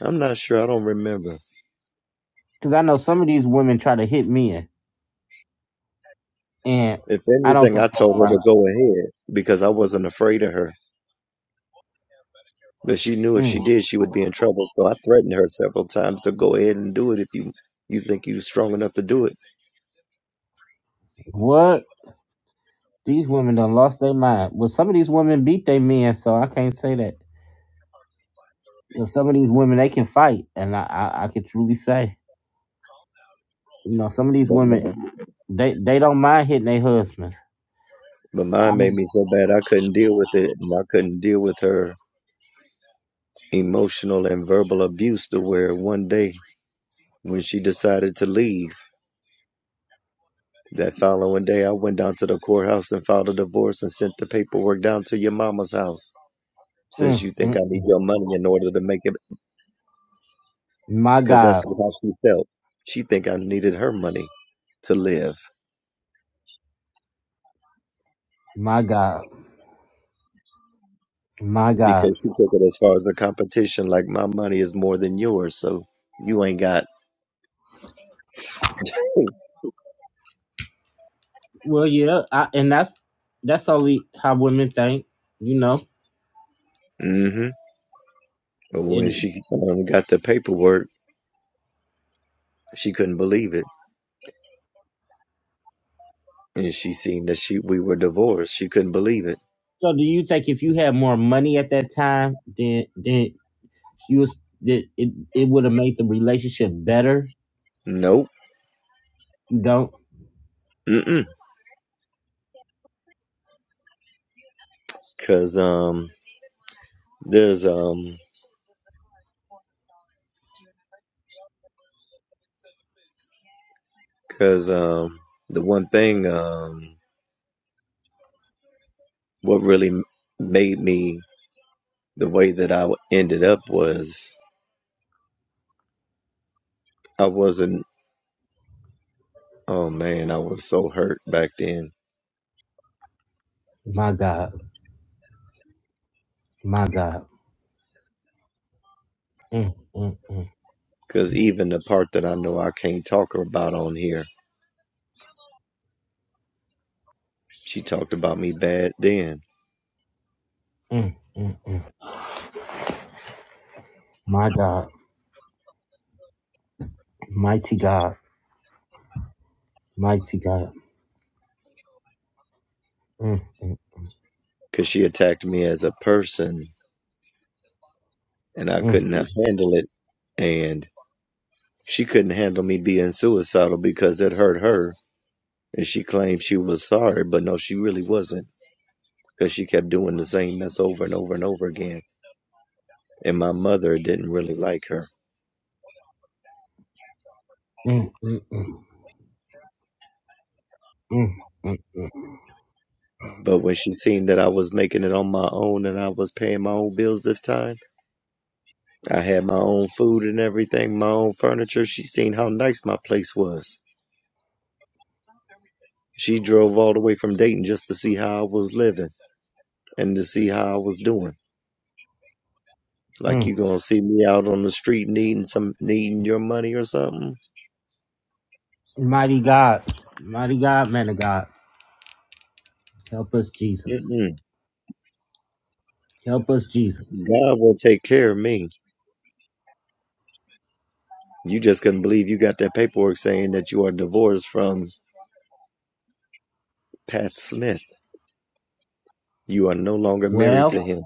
I'm not sure. I don't remember. Because I know some of these women try to hit men, and If I don't anything, think I that's told right. her to go ahead because I wasn't afraid of her. But she knew if Mm. she did, she would be in trouble. So I threatened her several times to go ahead and do it if you you think you're strong enough to do it. What these women done lost their mind. Well, some of these women beat their men, so I can't say that. Because some of these women they can fight, and I I, I can truly say you know, some of these But women. mine, They they don't mind hitting their husbands. but mine made me so bad I couldn't deal with it, and I couldn't deal with her emotional and verbal abuse to where one day when she decided to leave, that following day I went down to the courthouse and filed a divorce and sent the paperwork down to your mama's house since Mm, you think mm, I need your money in order to make it, my because God, that's how she felt. She think I needed her money to live my God, my God. because she took it as far as a competition. Like my money is more than yours, so you ain't got. Well, yeah, I, and that's that's only how women think, you know. hmm But when And she um, got the paperwork, she couldn't believe it, and she seen that she we were divorced. She couldn't believe it. so, do you think if you had more money at that time, then then you was that it it would have made the relationship better? Nope. You don't. Mm-mm. Cause um, there's um, cause um, the one thing um, what really made me the way that I ended up was I wasn't. Oh man, I was so hurt back then. My God, my God, mm, mm, mm, Cause even the part that I know I can't talk about on here, she talked about me bad then. mm, mm, mm. my God, mighty God, mighty God. Mm, mm, Cause she attacked me as a person, and I mm, couldn't handle it. And she couldn't handle me being suicidal because it hurt her. And she claimed she was sorry, but no, she really wasn't. Cause she kept doing the same mess over and over and over again. And my mother didn't really like her mm, mm, mm, mm, mm, mm. But when she seen that I was making it on my own and I was paying my own bills this time, I had my own food and everything, my own furniture, she seen how nice my place was. She drove all the way from Dayton just to see how I was living and to see how I was doing. Like Mm. you gonna see me out on the street needing some needing your money or something? Mighty God, mighty God, man of God, help us, Jesus. Mm-mm. Help us, Jesus. God will take care of me. You just couldn't believe you got that paperwork saying that you are divorced from Pat Smith. You are no longer married Well, to him,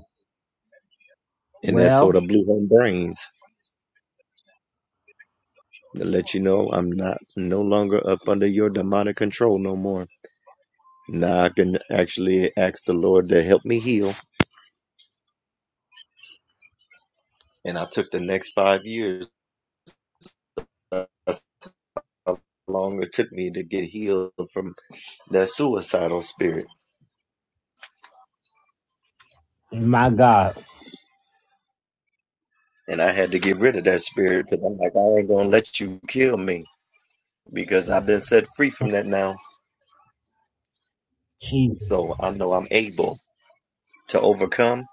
and that well, sort of blew her brains. to let you know I'm not no longer up under your demonic control no more. Now I can actually ask the Lord to help me heal. And I took the next five years. That's how long it took me to get healed from that suicidal spirit. my God, And I had to get rid of that spirit because I'm like, I ain't going to let you kill me because I've been set free from that now. Jesus. So I know I'm able to overcome.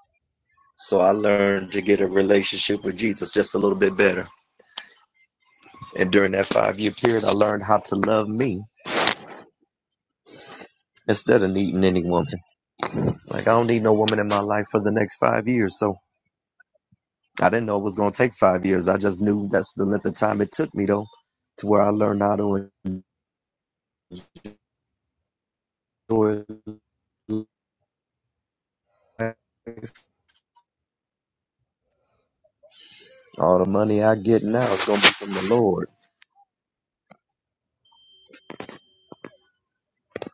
So I learned to get a relationship with Jesus just a little bit better. And during that five year period, I learned how to love me instead of needing any woman. Like, I don't need no woman in my life for the next five years. So I didn't know it was going to take five years. I just knew that's the length of time it took me, though, to where I learned how to enjoy life. All the money I get now is going to be from the Lord.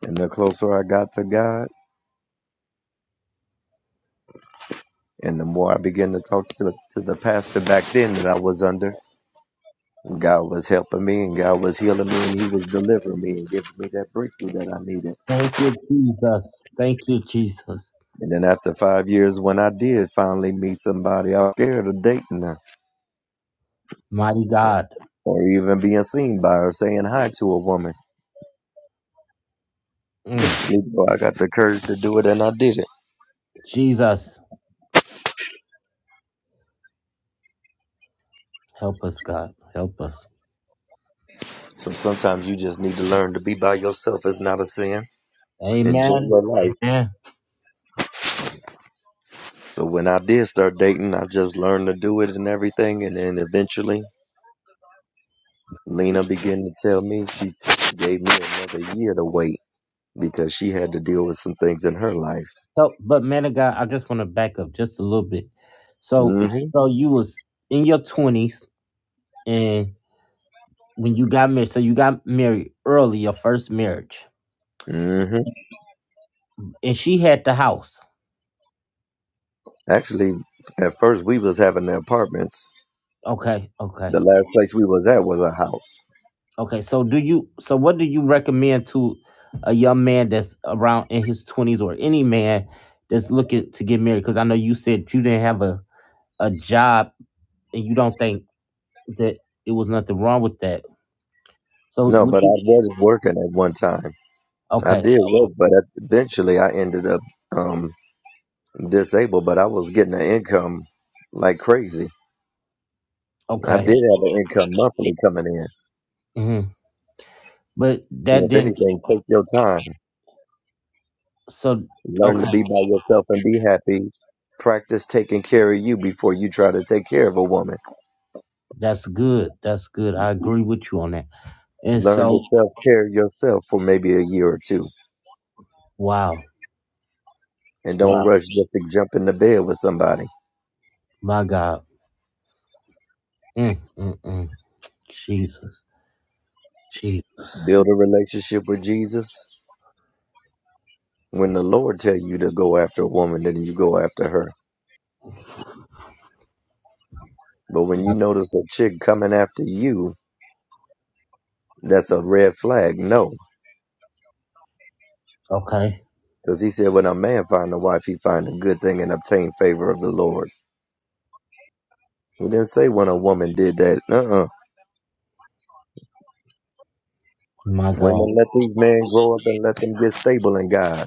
And the closer I got to God, and the more I began to talk to the, to the pastor back then that I was under, God was helping me and God was healing me and He was delivering me and giving me that breakthrough that I needed. Thank you, Jesus. Thank you, Jesus. And then after five years, when I did finally meet somebody, I was scared of dating her Mighty God, or even being seen by her, saying hi to a woman. Mm. You know, I got the courage to do it and I did it. Jesus, help us, God. Help us. So sometimes you just need to learn to be by yourself. It's not a sin. Enjoy Amen. your life. Amen. So when I did start dating, I just learned to do it and everything. And then eventually, Lena began to tell me she gave me another year to wait. because she had to deal with some things in her life. So, but man of God, I just want to back up just a little bit. So, Mhm. so you was in your twenties, and when you got married, so you got married early, your first marriage. Mhm. and she had the house. Actually, at first we was having the apartments. Okay, okay, The last place we was at was a house. okay. So do you? So what do you recommend to a young man that's around in his twenties or any man that's looking to get married? Because I know you said you didn't have a a job and you don't think that it was nothing wrong with that. So No, would but I you? was working at one time. I Okay, did work, but eventually I ended up um disabled, but I was getting an income like crazy. I okay. did have an income monthly coming in. hmm But So that if didn't. anything, take your time. So Learn to okay, be by yourself and be happy. Practice taking care of you before you try to take care of a woman that's good. That's good. I agree with you on that. And Learn to so self care yourself for maybe a year or two. wow, And don't wow, rush just to jump in the bed with somebody. my God, mm, mm, mm. Jesus. Jesus. Build a relationship with Jesus. When the Lord tell you to go after a woman, then you go after her. But when Yeah, you notice a chick coming after you, that's a red flag. No. Okay. Because he said when a man find a wife, he find a good thing and obtain favor of the Lord. He didn't say when a woman did that. Uh-uh. My God. Women let these men grow up and let them get stable in God.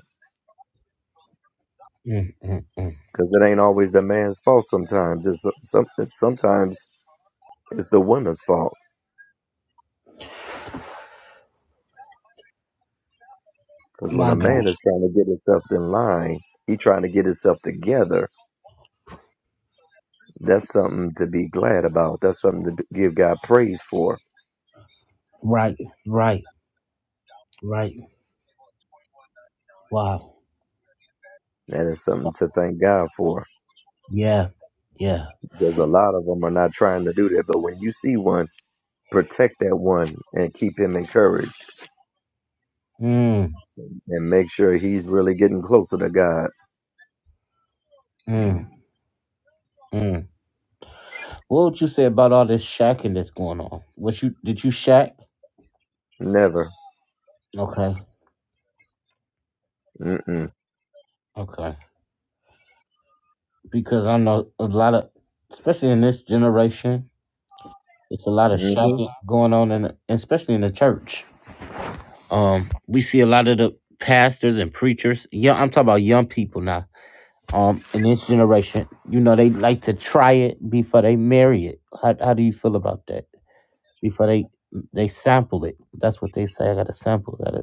Mm, mm, mm. because it ain't always the man's fault. Sometimes it's some, it's- sometimes it's the woman's fault. Because when My a God. man is trying to get himself in line, he trying to get himself together. That's something to be glad about. That's something to b- give God praise for. Right. Right. Right. Wow. That is something to thank God for. Yeah. Yeah. Because a lot of them are not trying to do that. But when you see one, protect that one and keep him encouraged Mm, and make sure he's really getting closer to God. mm, mm. What would you say about all this shacking that's going on? What you did you shack? Never. Okay. Mm-mm. Okay. Because I know a lot of, especially in this generation, it's a lot of Mm-hmm. shacking going on, in the, especially in the church. Um, we see a lot of the pastors and preachers. Yeah, I'm talking about young people now Um, in this generation, you know, they like to try it before they marry it. How how do you feel about that? Before they they sample it. That's what they say. I gotta sample. Gotta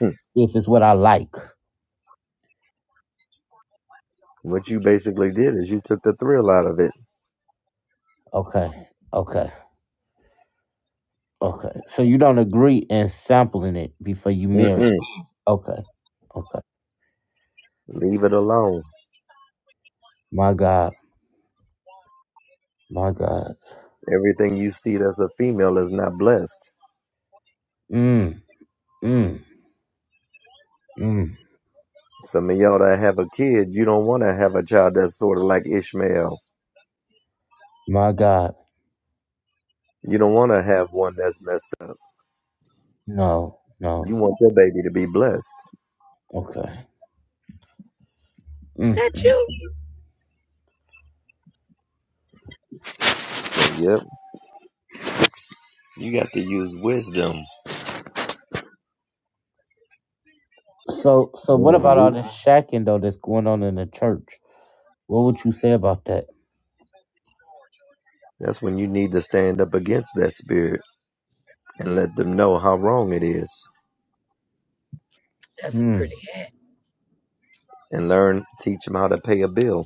Hmm. if it's what I like. What you basically did is you took the thrill out of it Okay. Okay. Okay. So you don't agree in sampling it before you marry. Mm-mm. Okay. Okay. Leave it alone. My God. My God. Everything you see that's a female is not blessed. Mm. Mm. Mm. Some of y'all that have a kid, you don't want to have a child that's sort of like Ishmael. My God. You don't want to have one that's messed up. No. No. You want your baby to be blessed. Okay. Mm. That you? So, yep, you got to use wisdom. So so what Meaning about all lead- this shacking though that's going on in the church? What would you say about that? That's when you need to stand up against that spirit and let them know how wrong it is That's a Mm, pretty hat. and learn, teach them how to pay a bill,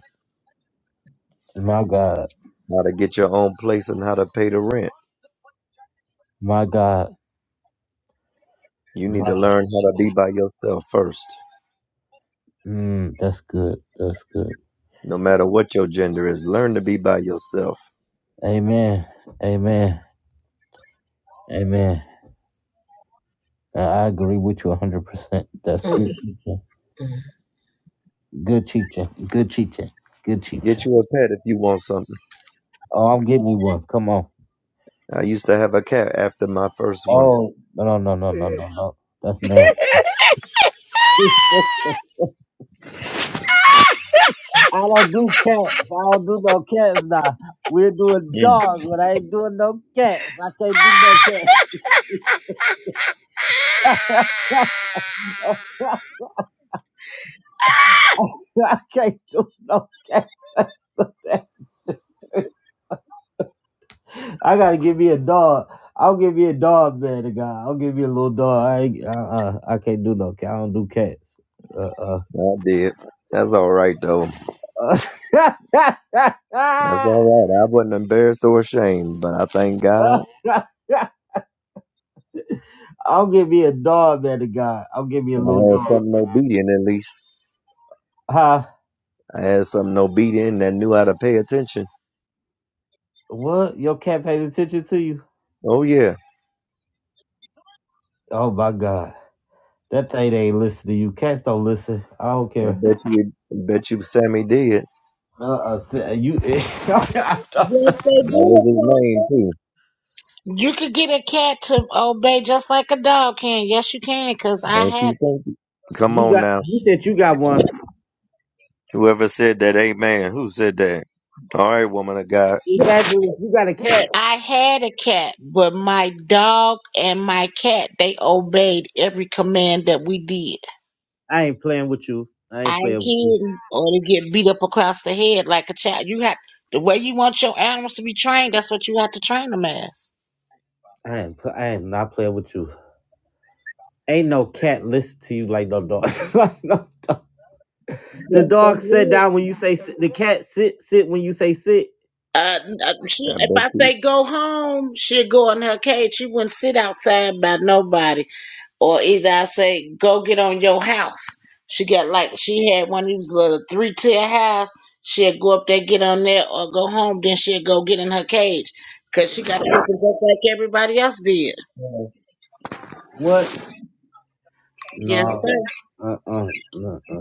my God. how to get your own place and how to pay the rent. My God. You need My, to learn how to be by yourself first. mm, that's good. That's good. no matter what your gender is. Learn to be by yourself. Amen. Amen. Amen. I I agree with you 100%. That's Mm, good teaching. mm. Good teaching. Good teaching. Good Get teaching. you a pet if you want something. Oh, I'm getting you one. Come on. I used to have a cat after my first one. Oh, no, no, no, no, no, no, no. That's nasty. I don't do cats. I don't do no cats now. We're doing Mm. dogs, but I ain't doing no cats. I can't do no cats. I can't do no cats. That's the that's the I gotta give me a dog. I'll give me a dog, man. To God, I'll give me a little dog. I ain't, uh, uh, I can't do no cat. I don't do cats. Uh, I did. That's all right though. uh, uh. That's all right. I wasn't embarrassed or ashamed, but I thank God I'll give me a dog, man. To God, I'll give me a I little had dog. something obedient at least. Huh? I had something obedient that knew how to pay attention. What? Your cat paid attention to you? Oh yeah. Oh my God, that thing ain't listen to you. Cats don't listen. I don't I care. bet you I bet you Sammy did. Uh, uh, you, Yes, That they was do, his name Apostle. too. You could get a cat to obey just like a dog can. Yes, you can, because I Don't had you think them. it? Come you on got. now. You said you got one. Whoever said that, amen. Who said that? All right, woman of God. Exactly. If you got a cat, I had a cat, but my dog and my cat, they obeyed every command that we did. I ain't playing with you. I I ain't ain't playing with you. kidding. Or they get beat up across the head like a child. You have the way you want your animals to be trained, that's what you have to train them as. I ain't. pl- I am not playing with you. Ain't no cat listen to you like no dog. like no. The Yes, they dog sit will. down when you say sit. The cat sit sit when you say sit. Uh, uh, she, I if bet I you. say go home, she'll go in her cage. She wouldn't sit outside by nobody. or either I say, go get on your house. She got like she had one of these little three tier house. She'd go up there, get on there, or go home. Then she'd go get in her cage because she got a whooping just like everybody else did. What? Yes, No. Okay. sir. Uh. Uh. Uh.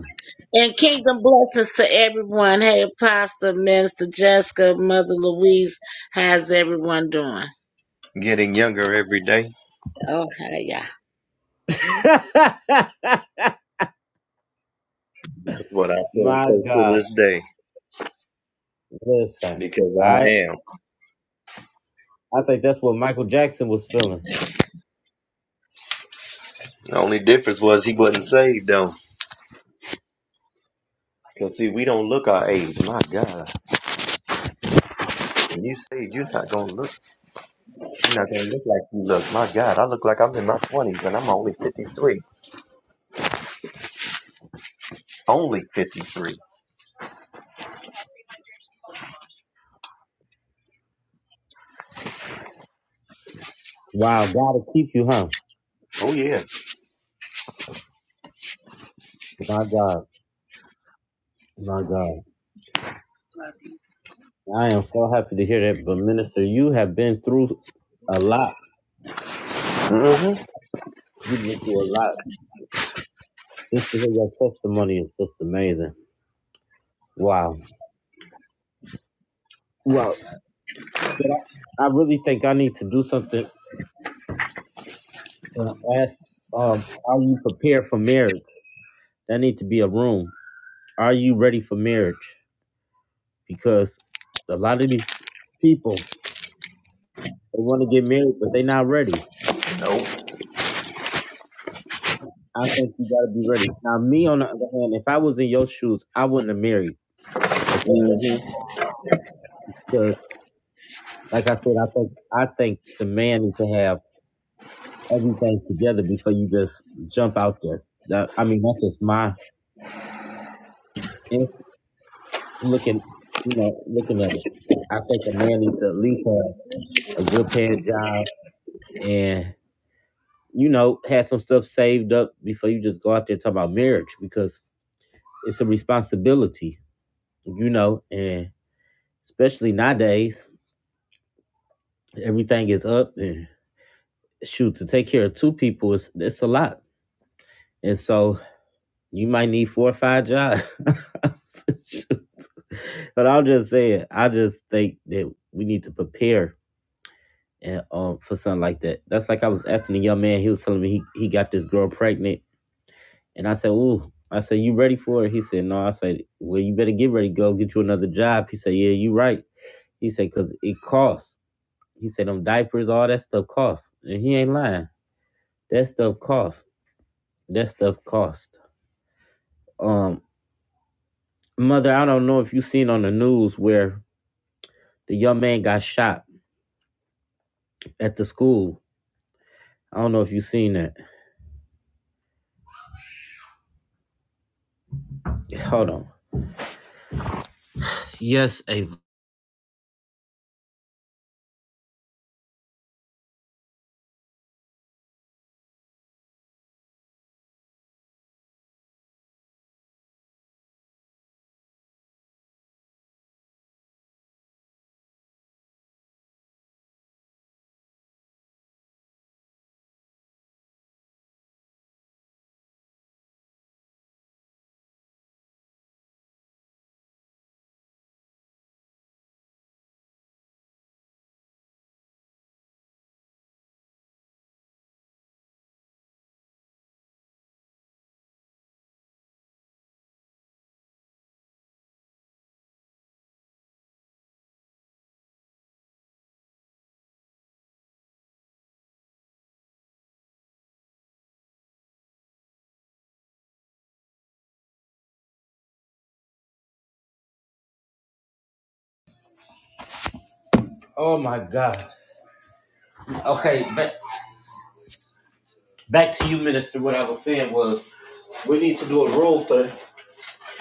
And kingdom blessings to everyone. Hey, Pastor, Minister Jessica, Mother Louise. How's everyone doing? Getting younger every day. Oh, hi, yeah. That's what I tell My folks to God, this day listen, because I I am. I think that's what Michael Jackson was feeling. The only difference was he wasn't saved though. Cause see, we don't look our age. My God, when you saved, you're not gonna look. You're not gonna look like you look. My God, I look like I'm in my twenties and I'm only fifty three. Only fifty three. Wow, God will keep you, huh? Oh yeah. My God, my God, I am so happy to hear that. But minister, you have been through a lot. Mm-hmm. You've been through a lot. Just to hear your testimony is just amazing. Wow, wow. But I, I really think I need to do something and ask, um, are you prepared for marriage? That need to be a room. Are you ready for marriage? because a lot of these people they want to get married, but they're not ready. Nope. I think you got to be ready. Now, me on the other hand, if I was in your shoes, I wouldn't have married at that Mm-hmm. because, like I said, I think I think the man needs to have everything together before you just jump out there. That, I mean, that's just my in- looking, you know, looking at it. I think a man needs to at least have a good paying job and you know have some stuff saved up before you just go out there and talk about marriage because It's a responsibility, you know, and especially nowadays, everything is up and shoot to take care of two people is it's a lot. And so you might need four or five jobs. but I'll just say it. I just think that we need to prepare and um for something like that. That's like I was asking a young man, he was telling me he, he got this girl pregnant and I said, Ooh, I said, You ready for it? He said, No. I said, Well, you better get ready, go get you another job. He said, Yeah, you right. He said, Cause it costs. He said them diapers, all that stuff cost. And he ain't lying. That stuff cost. That stuff cost. Um, mother, I don't know if you seen on the news where the young man got shot at the school. I don't know if you seen that. Hold on. Yes, Ava. Oh my God. Okay, back, back to you, Minister. What I was saying was we need to do a rule for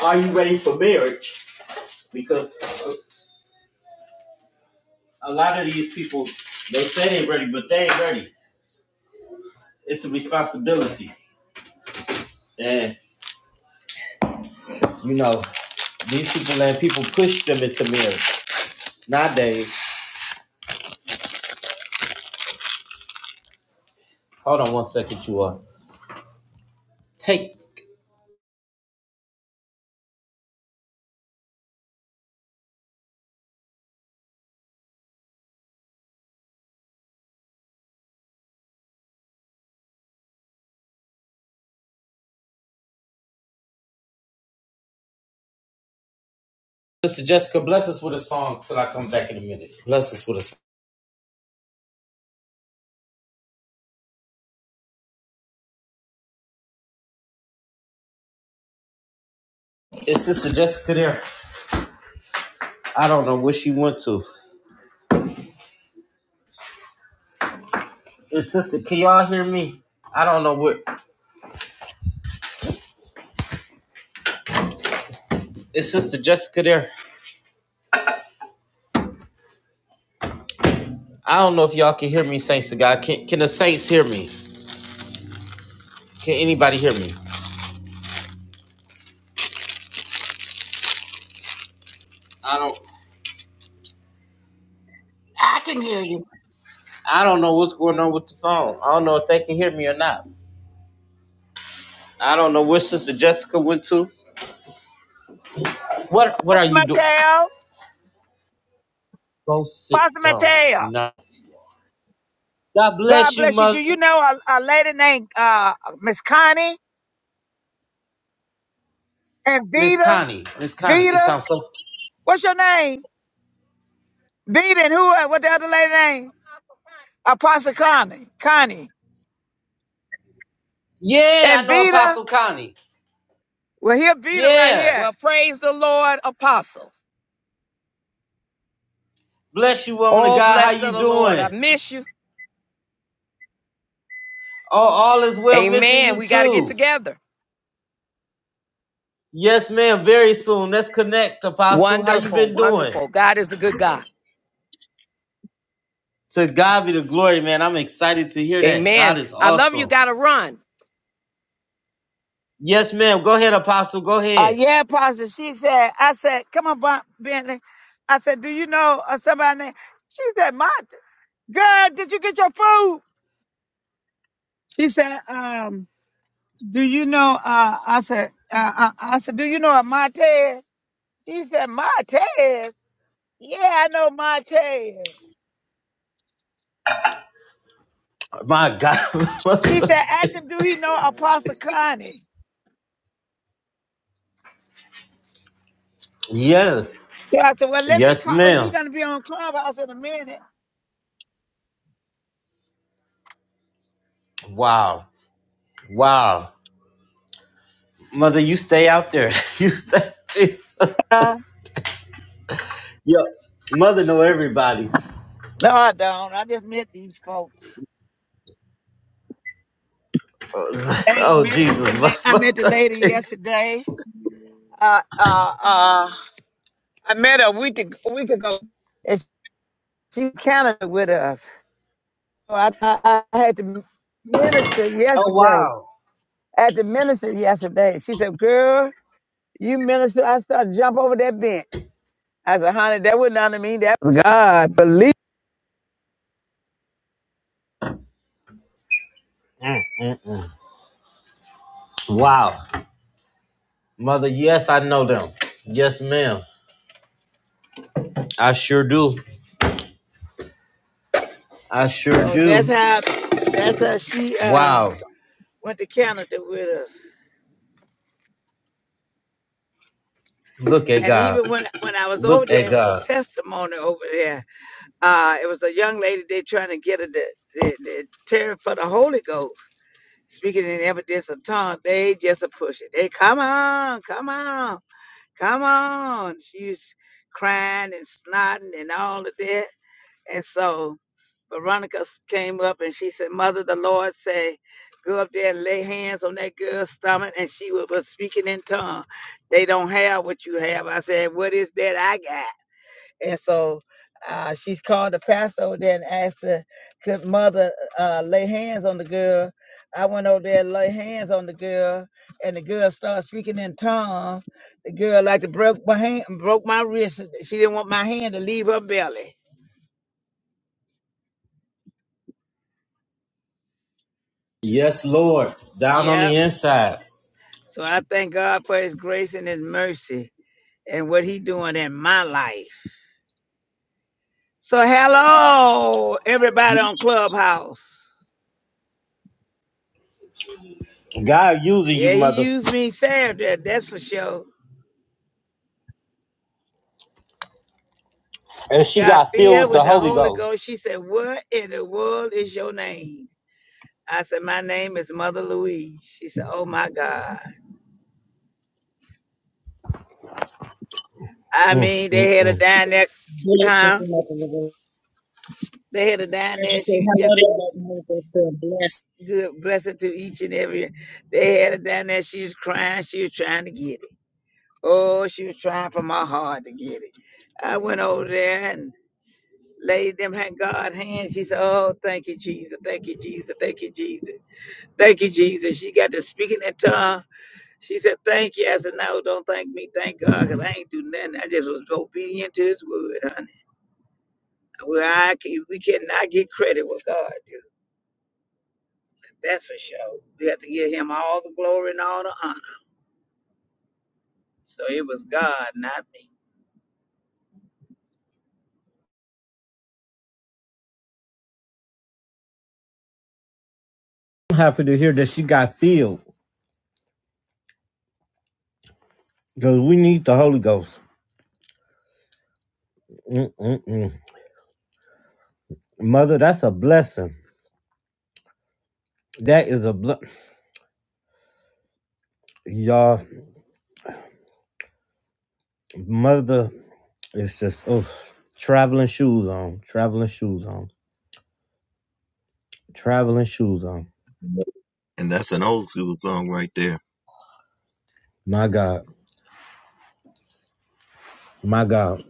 Are you ready for marriage? Because a, a lot of these people they say they're ready, but they ain't ready. It's a responsibility, and you know. These people and people push them into marriage. Nowadays, hold on one second, you are. Sister Jessica, bless us with a song till I come back in a minute. Bless us with a song. Is Sister Jessica there? I don't know where she went to. Is Sister, can y'all hear me? I don't know where. Is Sister Jessica there? I don't know if y'all can hear me, Saints of God. Can, can the Saints hear me? Can anybody hear me? I don't. I can hear you. I don't know what's going on with the phone. I don't know if they can hear me or not. I don't know where Sister Jessica went to. What? What? I Pastor Mateo, Pastor don't Mateo, know. God bless you. Do you know a, a lady named uh, Miss Connie and Miss Vita? Connie. Miss. Vita, what's your name? Vita and who? uh, What the other lady name? Apostle Connie. Connie Yeah, I and know Vita. Apostle Connie. Well, here Vita right here. Yeah. Well, praise the Lord, Apostle. Bless you, woman of Oh, God. How blessed you of the Lord. I doing? miss you. Oh, all is well. Missing Amen. you We got to get too. together. Yes, ma'am. Very soon. Let's connect, Apostle. How you Wonderful, been doing? wonderful. God is a good God. To God be the glory, man. I'm excited to hear that. God Amen. is I love you. awesome. Got to run. Yes, ma'am. Go ahead, Apostle. Go Uh, ahead. yeah, Pastor. She said, I said, come on, Ben- Bentley. I said, do you know uh, somebody named? She said, my girl, did you get your food? She said, um, do you know, uh, I said, uh, I, I said, do you know a Montez? She said, Montez? Yeah, I know Monte. My God. She said, ask him, do he know Apostle Connie? yes. So I said, well, let me Yes, call. uh, He ma'am. going to be on Clubhouse in a minute. Wow. Wow. Mother, you stay out there. you stay. Jesus. Uh, Yo, mother know everybody. No, I don't. I just met these folks. oh Hey, oh met the la- Jesus, I met the mother, lady Jesus. yesterday. Uh, uh, uh, I met her a week, ag- a week ago. And she counted with us. So I, I, I had to minister Oh yesterday. wow. At the minister yesterday, she said, "Girl, you minister." I started to jump over that bench. I said, honey, that would not mean that was God. Believe. Wow. Mother, yes, I know them. Yes, ma'am. I sure do. I sure So that's do. how that's how she uh Wow. went to Canada with us. Look at And even God. when when I was over Look at there, it was a God. testimony over there. Uh it was a young lady they trying to get her the the, the terror for the Holy Ghost. Speaking in evidence of tongue, they just a push it. They come on, come on, come on. She's crying and snotting and all of that. And so Veronica came up and she said, Mother, the Lord say, go up there and lay hands on that girl's stomach. And she wa- was speaking in tongue. They don't have what you have. I said, what is that I got? And so uh, she's called the pastor over there and asked her, could mother uh, lay hands on the girl? I went over there and lay hands on the girl and the girl started speaking in tongue. The girl like to broke my hand, broke my wrist. She didn't want my hand to leave her belly. Yes, Lord. Down on Yeah. the inside. So I thank God for his grace and his mercy and what He doing in my life. So hello, everybody on Clubhouse. God using you, Yeah, he mother. used me Saturday, that's for sure. And she Got got filled filled with the with the Holy Holy Ghost. Ghost. She said, What in the world is your name? I said, My name is Mother Louise. She said, Oh my God. I mean, they had a Mm-mm. dine there, Blessings huh? to Mother Louise. They had a dine Heard you there. say She was just hello to everyone. Blessed. good blessing to each and every. They had a dine there. She was crying. She was trying to get it. Oh, she was trying for my heart to get it. I went over there and laid them hand God hands. She said, Oh, thank you, Jesus. Thank you, Jesus. Thank you, Jesus. Thank you, Jesus. She got to speaking that tongue. She said, Thank you. I said, No, don't thank me. Thank God, cause I ain't do nothing. I just was obedient to his word, honey. Well, I can, we cannot get credit with God. do. That's for sure. We have to give him all the glory and all the honor. So it was God, not me. I'm happy to hear that she got filled because we need the Holy Ghost. Mm-mm-mm. Mother, that's a blessing. That is a blessing. Y'all. Mother is just oh traveling shoes on, traveling shoes on, traveling shoes on. And that's an old school song right there. My God, my God,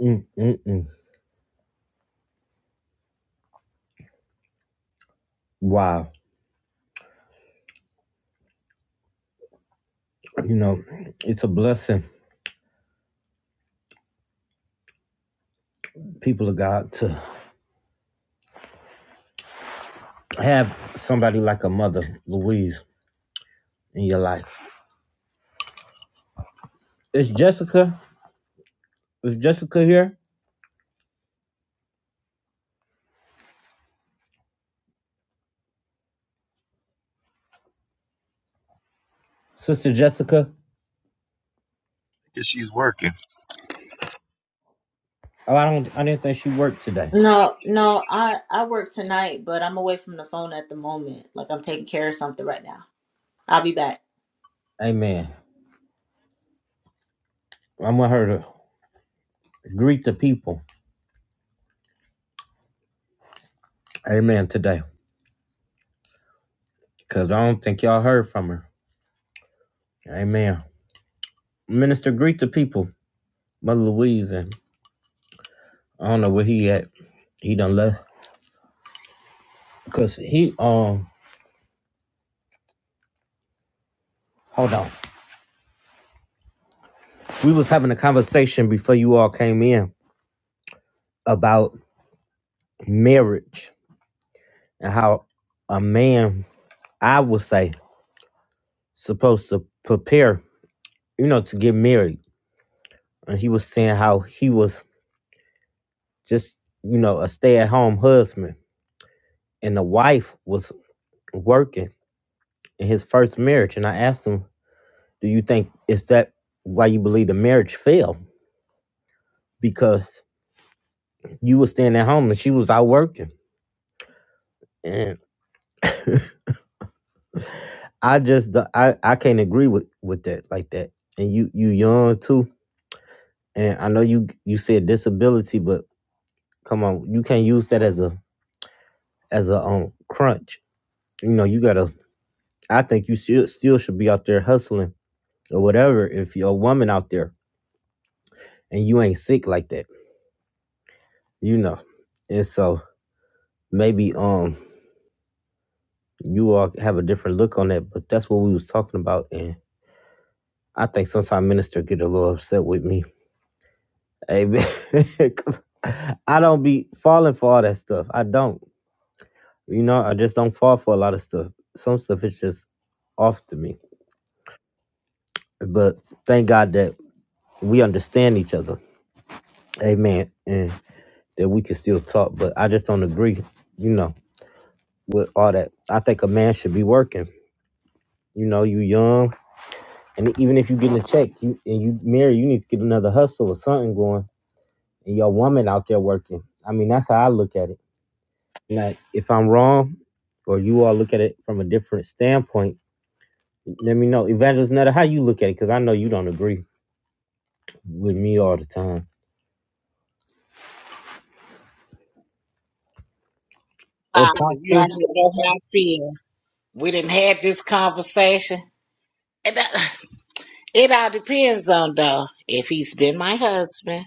mm, mm, mm. wow. You know, it's a blessing, people of God, to have somebody like a mother, Louise, in your life. Is Jessica? Is Jessica here? Sister Jessica? 'Cause she's working. Oh, I don't. I didn't think she worked today. No, no, I I work tonight, but I'm away from the phone at the moment. Like I'm taking care of something right now. I'll be back. Amen. I'm gonna her to greet the people. Amen. Today, cause I don't think y'all heard from her. Amen. Minister, greet the people, Mother Louise, and I don't know where he at. He done left because he um. Hold on. We was having a conversation before you all came in about marriage and how a man, I would say, supposed to prepare, you know, to get married. And he was saying how he was just, you know, a stay-at-home husband, and the wife was working in his first marriage. And I asked him, "Do you think is that why you believe the marriage failed?" because you was staying at home and she was out working. And I just I I I, I can't agree with with that like that. And you you young too. And I know you you said disability, but come on, you can't use that as a as a um crunch. You know, you gotta I think you should still should be out there hustling or whatever if you're a woman out there and you ain't sick like that, you know. And so maybe um you all have a different look on that, but that's what we was talking about and. I think sometimes minister get a little upset with me. Amen. I don't be falling for all that stuff. I don't. You know, I just don't fall for a lot of stuff. Some stuff is just off to me. But thank God that we understand each other. Amen. And that we can still talk. But I just don't agree, you know, with all that. I think a man should be working. You know, you young. And even if you getting a check you and you married, you need to get another hustle or something going. And your woman out there working. I mean, that's how I look at it. Now, if I'm wrong or you all look at it from a different standpoint, let me know. Evangelist Netta, how you look at it? Because I know you don't agree with me all the time. You Apostle. already know how I feel. We didn't had this conversation. And that- it all depends on though if he's been my husband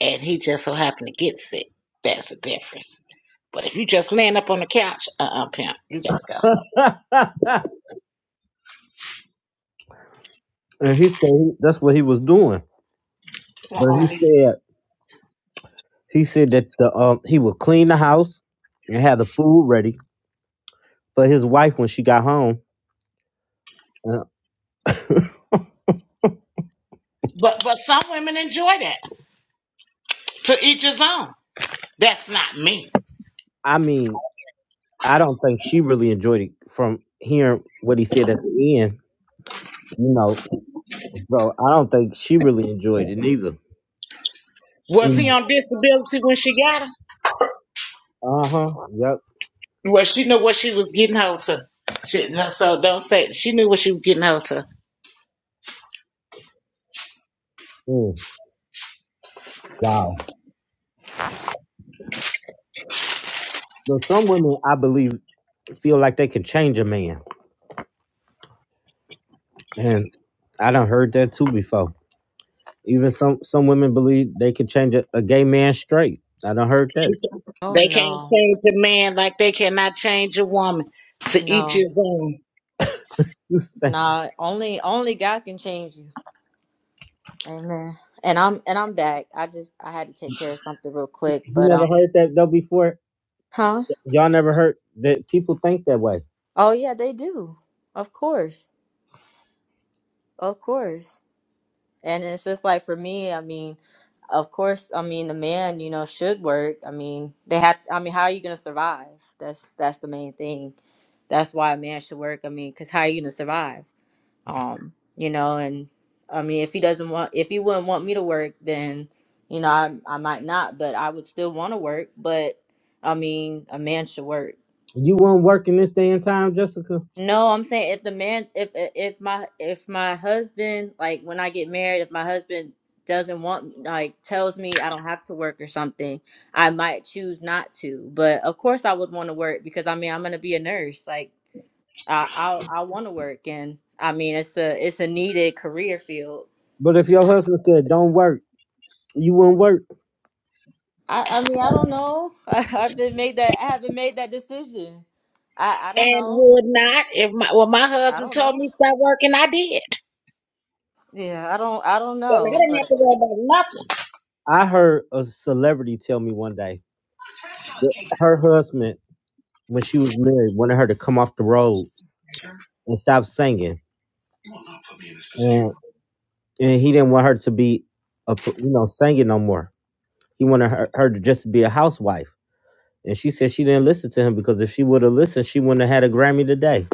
and he just so happened to get sick. That's a difference. But if you just laying up on the couch, uh, uh pimp, you got to go. and he said that's what he was doing. But Uh-uh. he said he said that the um he would clean the house and have the food ready for his wife when she got home. And But but some women enjoy that. To each his own. That's not me. I mean, I don't think she really enjoyed it from hearing what he said at the end. You know, so I don't think she really enjoyed it neither. You Was he know. on disability when she got him? Uh huh. Yep. Well, she knew what she was getting hold to. She, so don't say she knew what she was getting hold to. Mm, wow. Well, some women, I believe, feel like they can change a man, and I done heard that too before. Even some some women believe they can change a, a gay man straight. I done heard that. She, Oh they can't no, change a man like they cannot change a woman. To each no, his own. You say- nah. Only only God can change you. Amen. And I'm and I'm back. I just I had to take care of something real quick, you but never um heard that though before. huh? Y'all never heard that people think that way. Oh yeah, they do. Of course. Of course. And it's just like for me, I mean, of course, I mean the man, you know, should work. I mean, they have I mean, how are you going to survive? That's that's the main thing. That's why a man should work. I mean, cuz how are you going to survive? um you know and i mean if he doesn't want if he wouldn't want me to work then you know i, I might not but i would still want to work but i mean a man should work You wouldn't work in this day and time, Jessica. no i'm saying if the man if if my if my husband like when i get married if my husband doesn't want like tells me i don't have to work or something i might choose not to but of course i would want to work because i mean i'm gonna be a nurse like i i, I want to work and i mean it's a it's a needed career field But if your husband said don't work, you wouldn't work. I, I mean, I don't know. I have been made that. I haven't made that decision. I, I don't And know. would not if my well my I husband don't told me know. to stop working, I did. Yeah, I don't. I don't And I know. didn't But. have to worry about nothing. I heard a celebrity tell me one day that her husband, when she was married, wanted her to come off the road and stop singing. and. and he didn't want her to be a p- you know singing no more. He wanted her, her to just be a housewife. And she said she didn't listen to him because if she would have listened, she wouldn't have had a Grammy today.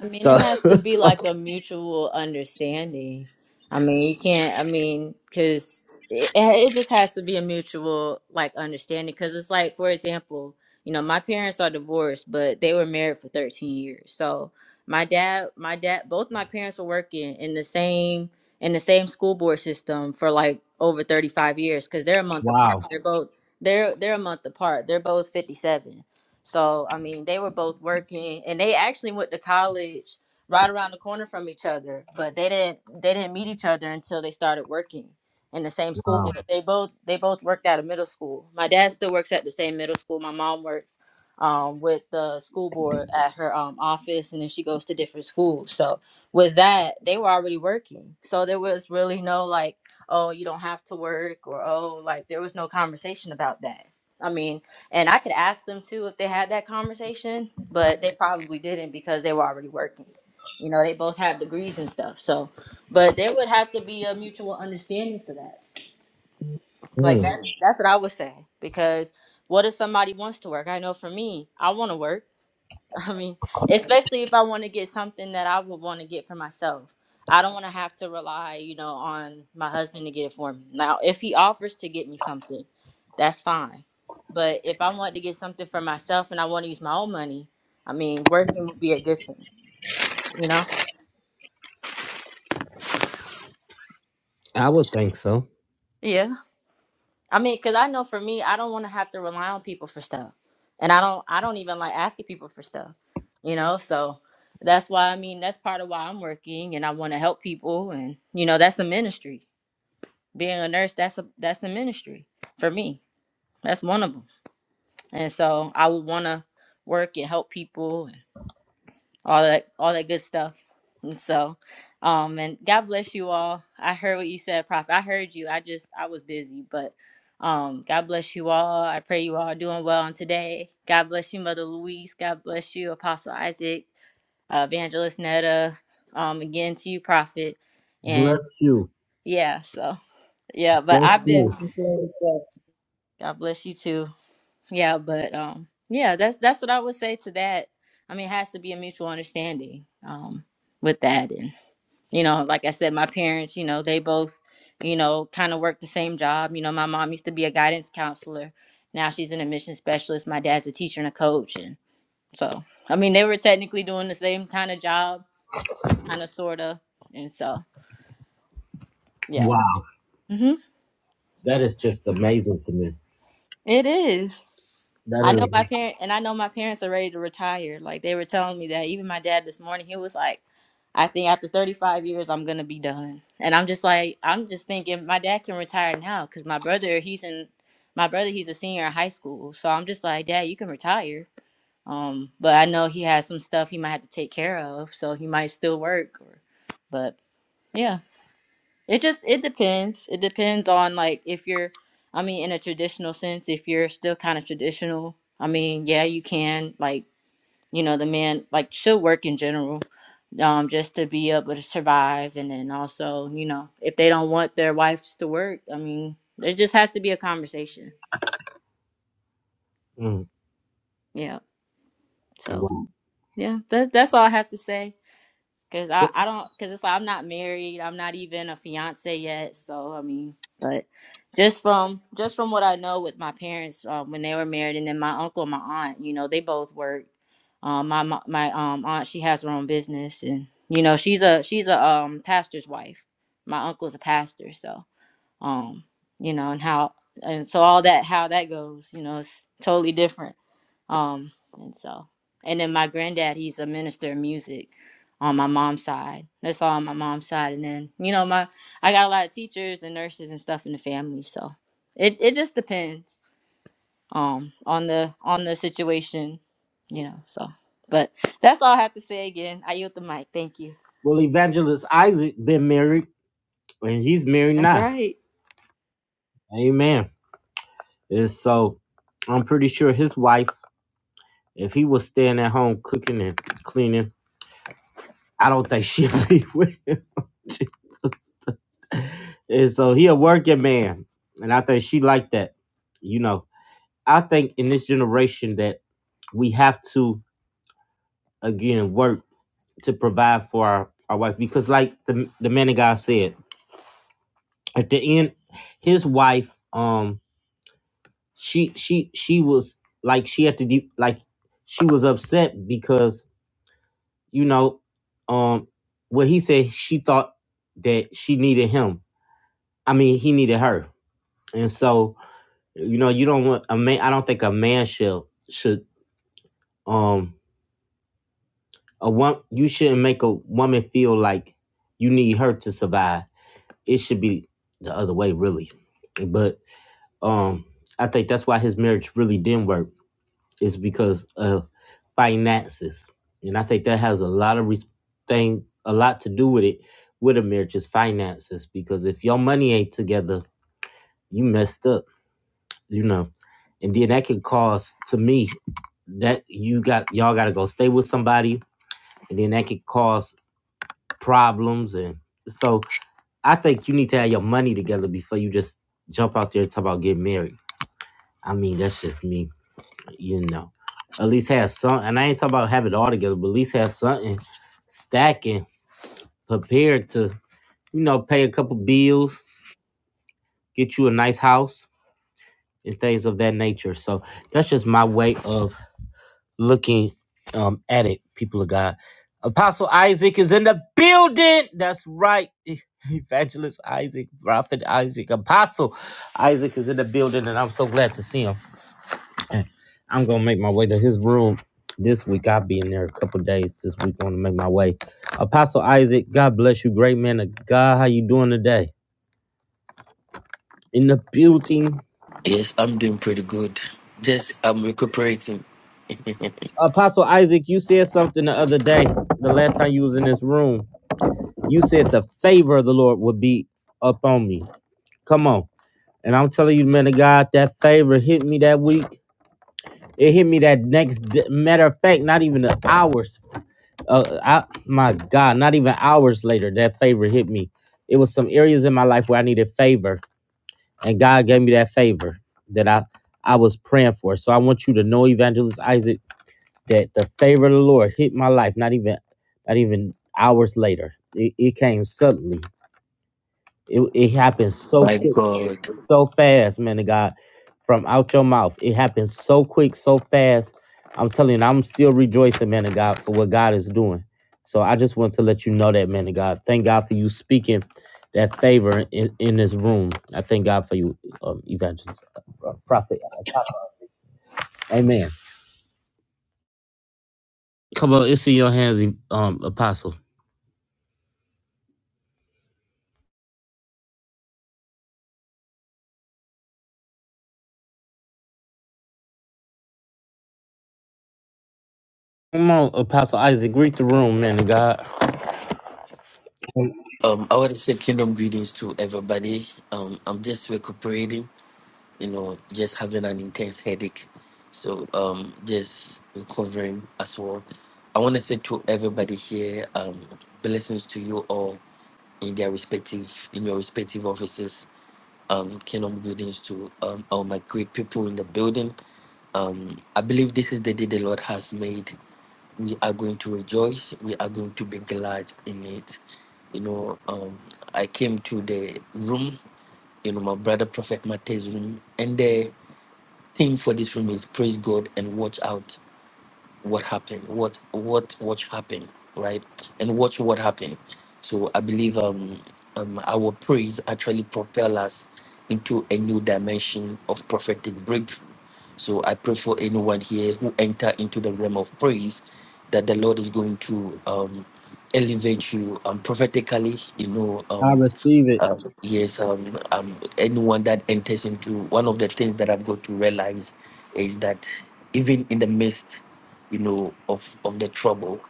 I mean, it So, has to be like so- a mutual understanding. I mean, you can't. I mean, because it, it just has to be a mutual like understanding. Because it's like, for example, you know, my parents are divorced, but they were married for thirteen years. So my dad, my dad, both my parents were working in the same in the same school board system for like over thirty five years because they're a month wow, apart. They're both they're they're a month apart. They're both fifty seven. So, I mean, they were both working and they actually went to college right around the corner from each other, but they didn't they didn't meet each other until they started working in the same school. But they both they both worked at a middle school. My dad still works at the same middle school. My mom works um, with the school board at her um, office, and then she goes to different schools. So with that, they were already working. So there was really no like, oh, you don't have to work, or oh, like there was no conversation about that. I mean, and I could ask them too if they had that conversation, but they probably didn't because they were already working. You know, they both have degrees and stuff. So, but there would have to be a mutual understanding for that. Like Mm, that's that's what I would say because what if somebody wants to work? I know for me, I want to work I mean, especially if I want to get something that I would want to get for myself. I don't want to have to rely, you know, on my husband to get it for me. Now, if he offers to get me something, that's fine. But if I want to get something for myself and I want to use my own money, I mean, working would be a good thing, you know? I would think so. Yeah. I mean, because I know for me, I don't want to have to rely on people for stuff, and I don't, I don't even like asking people for stuff, you know. So that's why I mean, that's part of why I'm working, and I want to help people, and you know, that's a ministry. Being a nurse, that's a that's a ministry for me. That's one of them, and so I would want to work and help people all that all that good stuff. And so, um, and God bless you all. I heard what you said, Prophet. I heard you. I just I was busy, but um, God bless you all. I pray you all are doing well on today. God bless you, Mother Louise. God bless you, Apostle Isaac, uh, Evangelist Netta. Um, again to you, Prophet. Bless And you, yeah, so yeah, but bless I've been. Bless you. and glory, God bless you too. Yeah, but um, yeah, that's that's what I would say to that. I mean, it has to be a mutual understanding. Um, with that you know like i said my parents you know they both you know kind of work the same job you know my mom used to be a guidance counselor now she's an admission specialist my dad's a teacher and a coach and so i mean they were technically doing the same kind of job kind of sorta and so yeah Wow, hmm that is just amazing to me. it is That I know is my parent and I know my parents are ready to retire. Like they were telling me that even my dad this morning, he was like, I think after 35 years I'm going to be done. And I'm just like I'm just thinking my dad can retire now cuz my brother, he's in my brother, he's a senior in high school. So I'm just like, "Dad, you can retire." Um, but I know he has some stuff he might have to take care of, so he might still work or but yeah. It just it depends. It depends on like if you're I mean in a traditional sense, if you're still kind of traditional, I mean, yeah, you can like, you know, the man like should work in general um just to be able to survive and then also, you know, if they don't want their wives to work, I mean, there just has to be a conversation. mm, Yeah. So, wow. yeah, that that's all I have to say. Cause I, I don't, cause it's like I'm not married. I'm not even a fiance yet. So I mean, but just from just from what I know with my parents um, when they were married, and then my uncle and my aunt, you know, they both work. Um, my my, my um aunt, she has her own business, and you know, she's a she's a um pastor's wife. My uncle's a pastor, so um, you know, and how and so all that how that goes, you know, it's totally different. Um, and so, and then my granddad, he's a minister of music on my mom's side. That's all on my mom's side. And then, you know, my I got a lot of teachers and nurses and stuff in the family, so it it just depends um on the on the situation, you know. So, but that's all I have to say again. I yield the mic. Thank you. Well, Evangelist Isaac been married, and he's married That's now. right. Amen. And so, I'm pretty sure his wife, if he was staying at home cooking and cleaning, I don't think she'll be with him. Jesus. And so he a working man. And I think she like that. You know, I think in this generation that we have to again work to provide for our, our wife because like the the man of God said, at the end, his wife, um, she she she was like she had to de- like she was upset because, you know, um what he said she thought that she needed him. I mean he needed her and so you know you don't want a man i don't think a man should should um a one you shouldn't make a woman feel like you need her to survive it should be the other way really but um i think that's why his marriage really didn't work is because of finances and i think that has a lot of res- thing a lot to do with it with a marriage is finances because if your money ain't together you messed up you know and then that can cause to me that you got y'all got to go stay with somebody, and then that could cause problems. And so I think you need to have your money together before you just jump out there and talk about getting married. I mean, that's just me, you know. At least have some, and I ain't talking about have it all together, but at least have something stacking, prepared to, you know, pay a couple bills, get you a nice house, and things of that nature. So that's just my way of looking um, at it, people of God. Apostle Isaac is in the building. That's right. Evangelist Isaac, Prophet Isaac, Apostle Isaac is in the building, and I'm so glad to see him. I'm going to make my way to his room this week. I'll be in there a couple of days this week. I'm going to make my way. Apostle Isaac, God bless you. Great man of God. How you doing today? In the building. Yes, I'm doing pretty good. Just I'm recuperating. Apostle Isaac, you said something the other day, the last time you was in this room. You said the favor of the Lord would be upon me. Come on. And I'm telling you, man of God, that favor hit me that week. It hit me that next d matter of fact, not even the hours. Uh, I, my God, not even hours later, that favor hit me. It was some areas in my life where I needed favor, and God gave me that favor that I I was praying for. So I want you to know, Evangelist Isaac, that the favor of the Lord hit my life. Not even not even hours later. It, it came suddenly It, it happens so My quick, God. so fast, man of God, from out your mouth. It happens so quick, so fast. I'm telling you, I'm still rejoicing, man of God, for what God is doing. So I just want to let you know that, man of God. Thank God for you speaking that favor in, in this room. I thank God for you, um, evangelist, uh, uh, prophet. Amen. Come on, it's in your hands, e, um, apostle. Come on, apostle Isaac, greet the room, man of God. Um, I want to say kingdom greetings to everybody. Um, I'm just recuperating. you know, just having an intense headache. So um, just recovering as well. I want to say to everybody here, um, blessings to you all in their respective in your respective offices, um, Kingdom buildings to um, all my great people in the building. Um, I believe this is the day the Lord has made. We are going to rejoice. We are going to be glad in it. You know, um, I came to the room, you know, my brother Prophet Mate's room, and there theme for this room is praise God and watch out what happened, what what watch happened, right? And watch what happened. So I believe um, um our praise actually propel us into a new dimension of prophetic breakthrough. So I pray for anyone here who enter into the realm of praise that the Lord is going to um elevate you um prophetically, you know, I um receive it. um, yes, um, um, anyone that enters into one of the things that I've got to realize is that even in the midst, you know, of, of the trouble,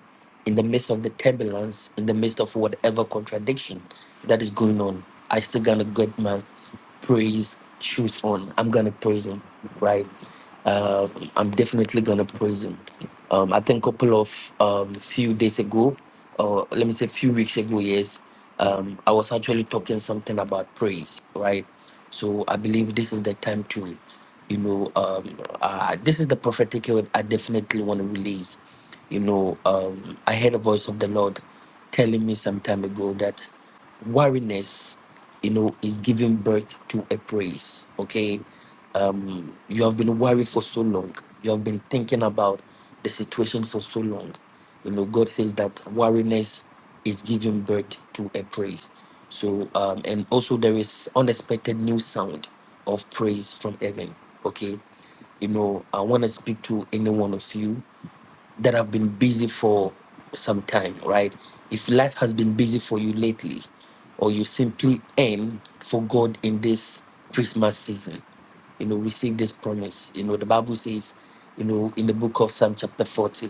in the midst of the turbulence, in the midst of whatever contradiction that is going on, I still gonna get my praise shoes on. I'm gonna praise him, right? Uh, I'm definitely gonna praise him. Um, I think a couple of um, few days ago, or let me say few weeks ago, yes, um, I was actually talking something about praise, right? So I believe this is the time to, you know, um, uh, this is the prophetic word I definitely want to release you know, um, I heard a voice of the Lord telling me some time ago that wariness, you know, is giving birth to a praise. Okay. Um, you have been worried for so long. You have been thinking about the situation for so long. You know, God says that wariness is giving birth to a praise. So, um, and also there is unexpected new sound of praise from heaven. Okay, you know, I want to speak to any one of you that have been busy for some time, right? If life has been busy for you lately, or you simply aim for God in this Christmas season, you know, receive this promise. You know, the Bible says, you know, in the book of Psalm chapter 40,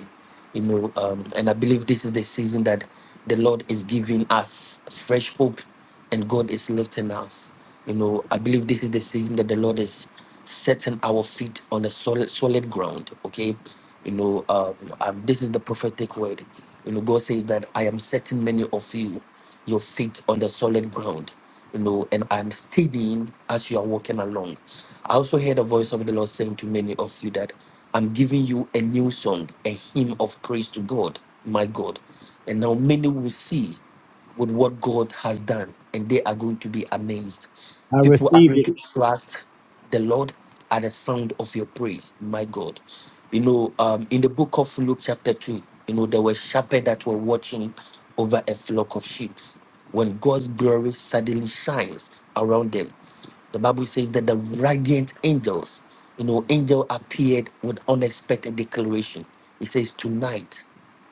you know, um, and I believe this is the season that the Lord is giving us fresh hope and God is lifting us. You know, I believe this is the season that the Lord is setting our feet on a solid solid ground. Okay, you know, um, um, this is the prophetic word. You know, God says that I am setting many of you your feet on the solid ground. You know, and I'm steadying as you are walking along. I also heard a voice of the Lord saying to many of you that I'm giving you a new song, a hymn of praise to God, my God. And now many will see with what God has done, and they are going to be amazed. I People are receive going it. to trust the Lord at the sound of your praise. My God, you know, um, in the book of Luke, chapter 2, you know, there were shepherds that were watching over a flock of sheep when God's glory suddenly shines around them. The Bible says that the radiant angels, you know, angel appeared with unexpected declaration. It says, Tonight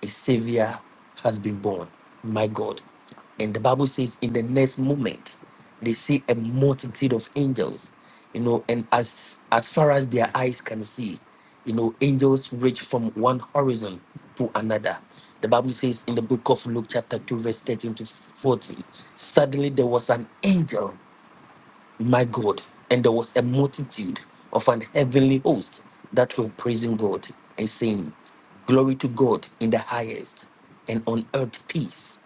a savior has been born. My God. And the Bible says, in the next moment, they see a multitude of angels, you know, and as as far as their eyes can see, you know, angels reach from one horizon to another. The Bible says in the book of Luke, chapter 2, verse 13 to 14, suddenly there was an angel my God, and there was a multitude of an heavenly host that were praising God and saying, Glory to God in the highest, and on earth peace,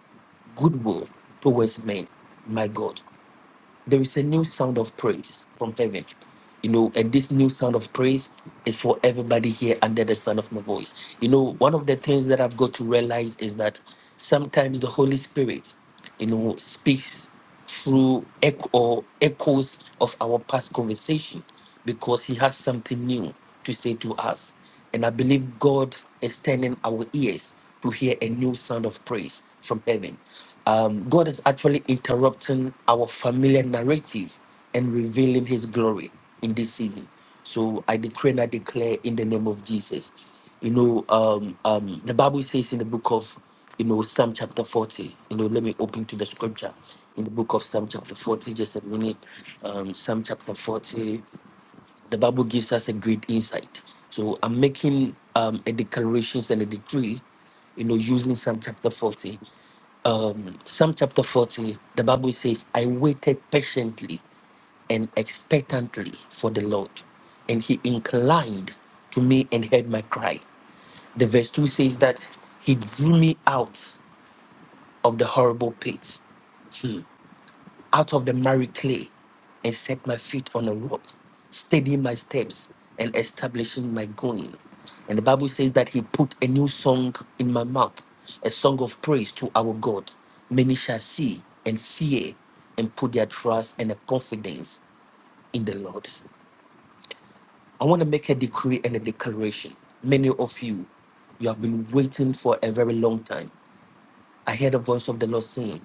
goodwill towards men, my God there is a new sound of praise from heaven. You know, and this new sound of praise is for everybody here under the sound of my voice. You know, one of the things that I've got to realize is that sometimes the Holy Spirit, you know, speaks through echo or echoes of our past conversation because he has something new to say to us. And I believe God is turning our ears to hear a new sound of praise from heaven. Um, God is actually interrupting our familiar narrative and revealing his glory in this season. So I decree and I declare in the name of Jesus. You know, um, um, the Bible says in the book of, you know, Psalm chapter 40, you know, let me open to the scripture in the book of Psalm chapter 40, just a minute. Um, Psalm chapter 40 the Bible gives us a great insight. So I'm making um, a declarations and a decree, you know, using Psalm chapter 40. Um, Psalm chapter 40, the Bible says, I waited patiently and expectantly for the Lord, and he inclined to me and heard my cry. The verse 2 says that he drew me out of the horrible pit. Hmm out of the miry clay and set my feet on a rock, steadying my steps and establishing my going. And the Bible says that he put a new song in my mouth, a song of praise to our God. Many shall see and fear and put their trust and their confidence in the Lord. I want to make a decree and a declaration. Many of you, you have been waiting for a very long time. I heard the voice of the Lord saying,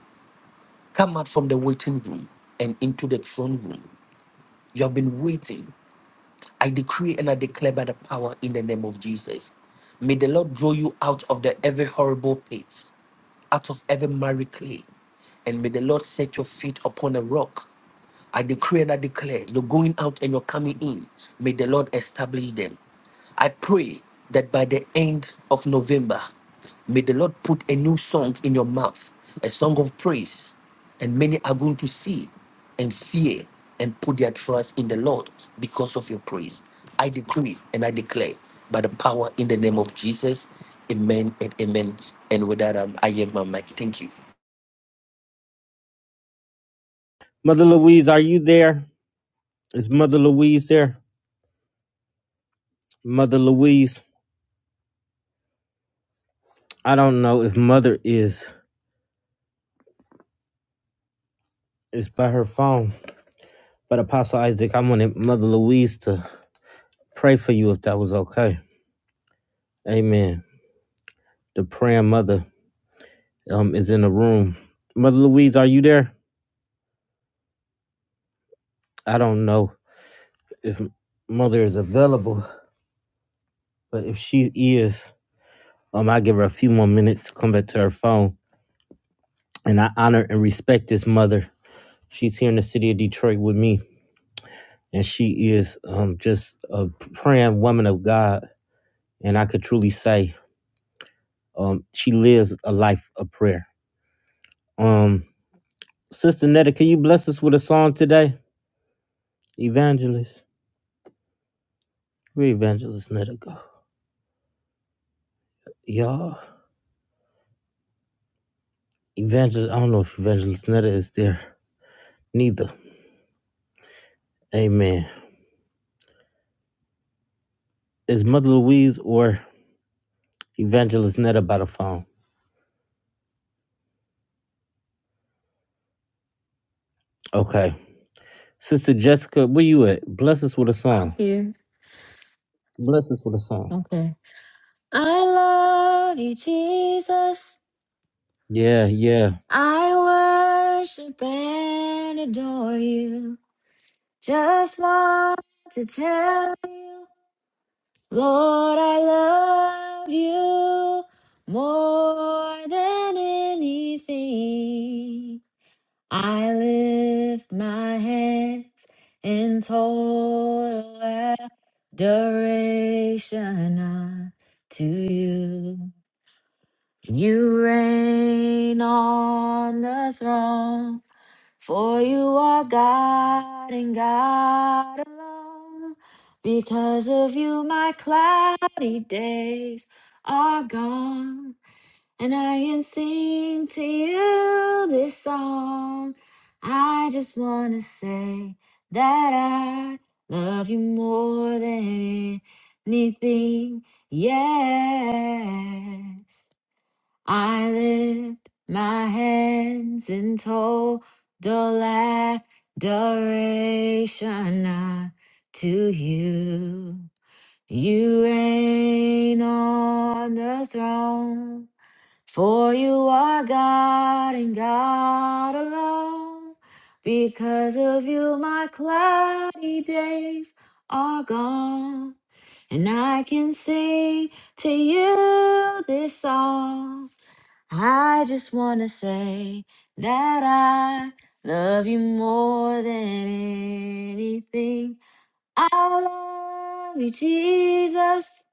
Come out from the waiting room and into the throne room You have been waiting. I decree and I declare by the power in the name of Jesus. May the Lord draw you out of the every horrible pit, out of every miry clay, and may the Lord set your feet upon a rock I decree and I declare you're going out and you're coming in. May the Lord establish them. I pray that by the end of November, may the Lord put a new song in your mouth, a song of praise, and many are going to see and fear and put their trust in the Lord because of your praise. I decree and I declare by the power in the name of Jesus, amen and amen. And with that, um, I give my mic. Thank you. Mother Louise, are you there? Is Mother Louise there? Mother Louise, I don't know if Mother is is by her phone, but Apostle Isaac, I wanted Mother Louise to pray for you if that was okay. Amen. The praying mother um is in the room. Mother Louise, are you there? I don't know if Mother is available, but if she is, um, I give her a few more minutes to come back to her phone. And I honor and respect this mother. She's here in the city of Detroit with me and she is um, just a praying woman of God. And I could truly say um, she lives a life of prayer. Um, Sister Netta, can you bless us with a song today? Evangelist. Where Evangelist Netta go? Y'all, Evangelist, I don't know if Evangelist Netta is there. Neither. Amen. Is Mother Louise or Evangelist Netta by the phone? Okay. Sister Jessica, where you at? Bless us with a song. Thank you. Bless us with a song. Okay. I love you, Jesus. Yeah, yeah. I worship and adore you. Just want to tell you, Lord, I love you more than anything. I lift my hands in total adoration to you. You reign on the throne. For you are God and God alone. Because of you, my cloudy days are gone. And I can sing to you this song. I just want to say that I love you more than anything. Yes. I lift my hands in total adoration uh, to you. You reign on the throne, for you are God and God alone. Because of you, my cloudy days are gone, and I can sing to you this song. I just want to say that I love you more than anything. I love you, Jesus.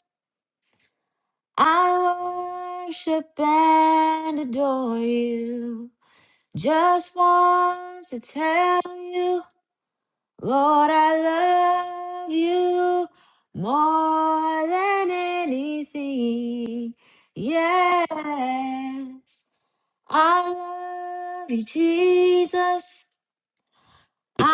I worship and adore you. Just want to tell you, Lord, I love you more than anything. Yes. I love you, Jesus.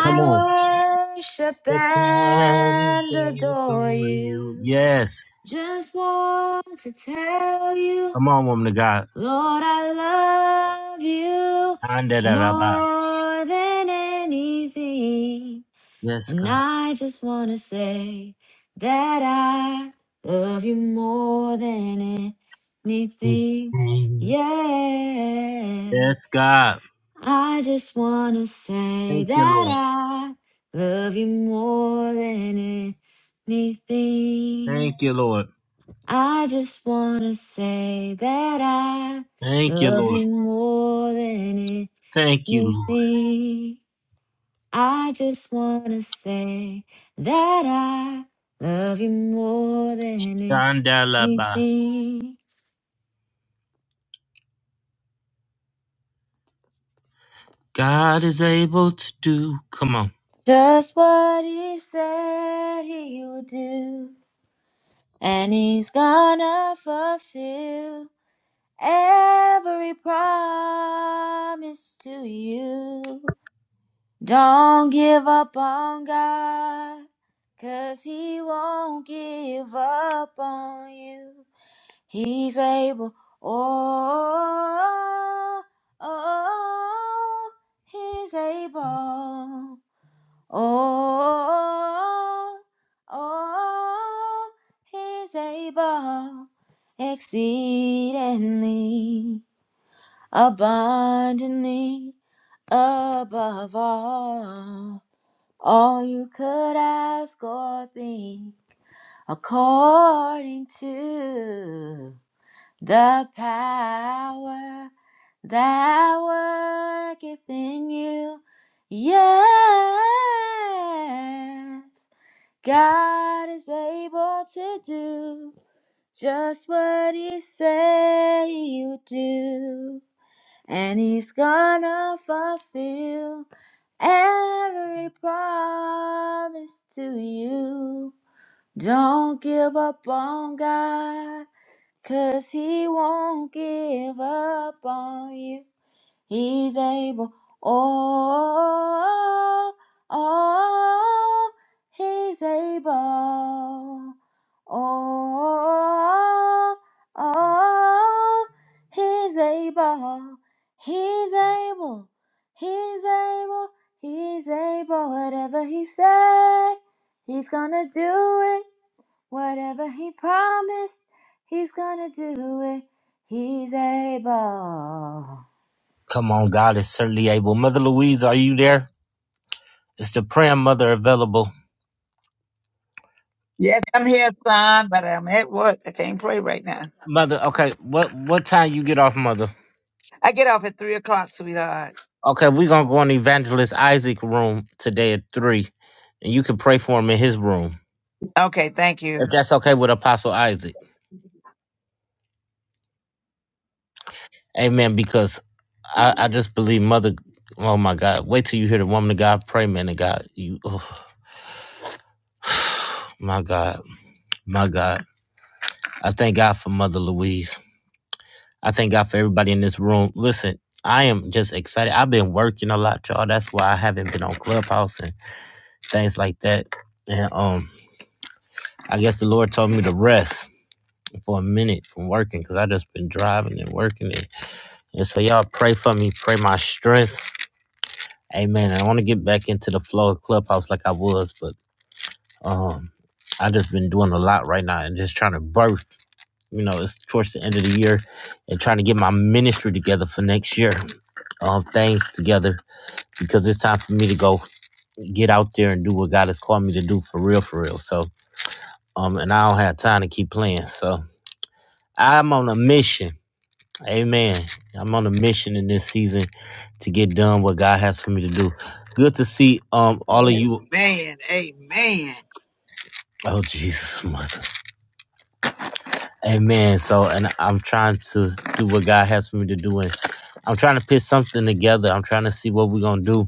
Come on. worship and adore you. Yes. Just want to tell you, Come on, woman of God. Lord, I love you Anda da da ba. more than anything. Yes, And God. I just want to say that I love you more than anything. Mm. Yeah. Yes, God. I just wanna say Thank you, that Lord. I love you more than anything. Thank you, Lord. I just wanna say that I Thank you, love Lord. you more than Thank you, Lord. anything. I just wanna say that I love you more than Anda la ba. anything. God is able to do. Come on. Just what he said he would do. and he's gonna fulfill every promise to you. Don't give up on God, 'cause he won't give up on you. He's able, oh, oh, oh, he's able. Oh, oh, oh, he's able exceedingly, abundantly, above all, all you could ask or think, according to the power that worketh in you. Yes. God is able to do just what He said He would do, and He's gonna fulfill every promise to you. Don't give up on God, 'cause He won't give up on you. He's able. Oh, oh, oh, he's able. Oh, oh, he's able. He's able. He's able. He's able. Whatever he said, he's gonna do it. Whatever he promised, he's gonna do it. He's able. Come on, God is certainly able. Mother Louise, are you there? Is the prayer mother available? Yes, I'm here, son, but I'm at work. I can't pray right now. Mother, okay. What what time you get off, mother? I get off at three o'clock, sweetheart. Okay, we're gonna go in Evangelist Isaac room today at three, and you can pray for him in his room Okay, thank if you. that's okay with Apostle Isaac. Amen. Because I, I just believe Mother. Oh my God! Wait till you hear the woman of God pray, man of God. You, oh my God, my God. I thank God for Mother Louise. I thank God for everybody in this room. Listen, I am just excited. I've been working a lot, y'all. That's why I haven't been on Clubhouse and things like that. And um, I guess the Lord told me to rest. for a minute from working because I just been driving and working and, and so y'all pray for me, pray my strength. Amen. I want to get back into the flow of clubhouse like I was, but um I just been doing a lot right now and just trying to birth. You know, it's towards the end of the year and trying to get my ministry together for next year. Um things together because it's time for me to go get out there and do what God has called me to do for real, for real. So um and I don't have time to keep playing. So I'm on a mission Amen. I'm on a mission in this season to get done what God has for me to do. Good to see um all of you. Amen. Amen. Oh Jesus, mother. Amen. So, and I'm trying to do what God has for me to do, and I'm trying to put something together. I'm trying to see what we're gonna do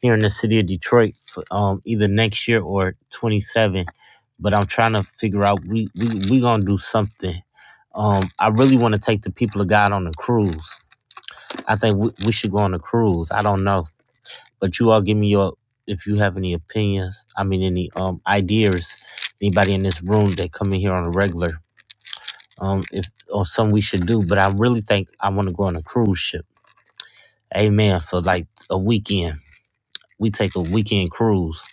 here in the city of Detroit, for, um, either next year or 27. But I'm trying to figure out we we we gonna do something. Um, I really want to take the people of God on a cruise. I think we, we should go on a cruise. I don't know. But you all give me your if you have any opinions, I mean any um ideas, anybody in this room that come in here on a regular, um, if or something we should do. But I really think I wanna go on a cruise ship. Amen. For like a weekend. We take a weekend cruise.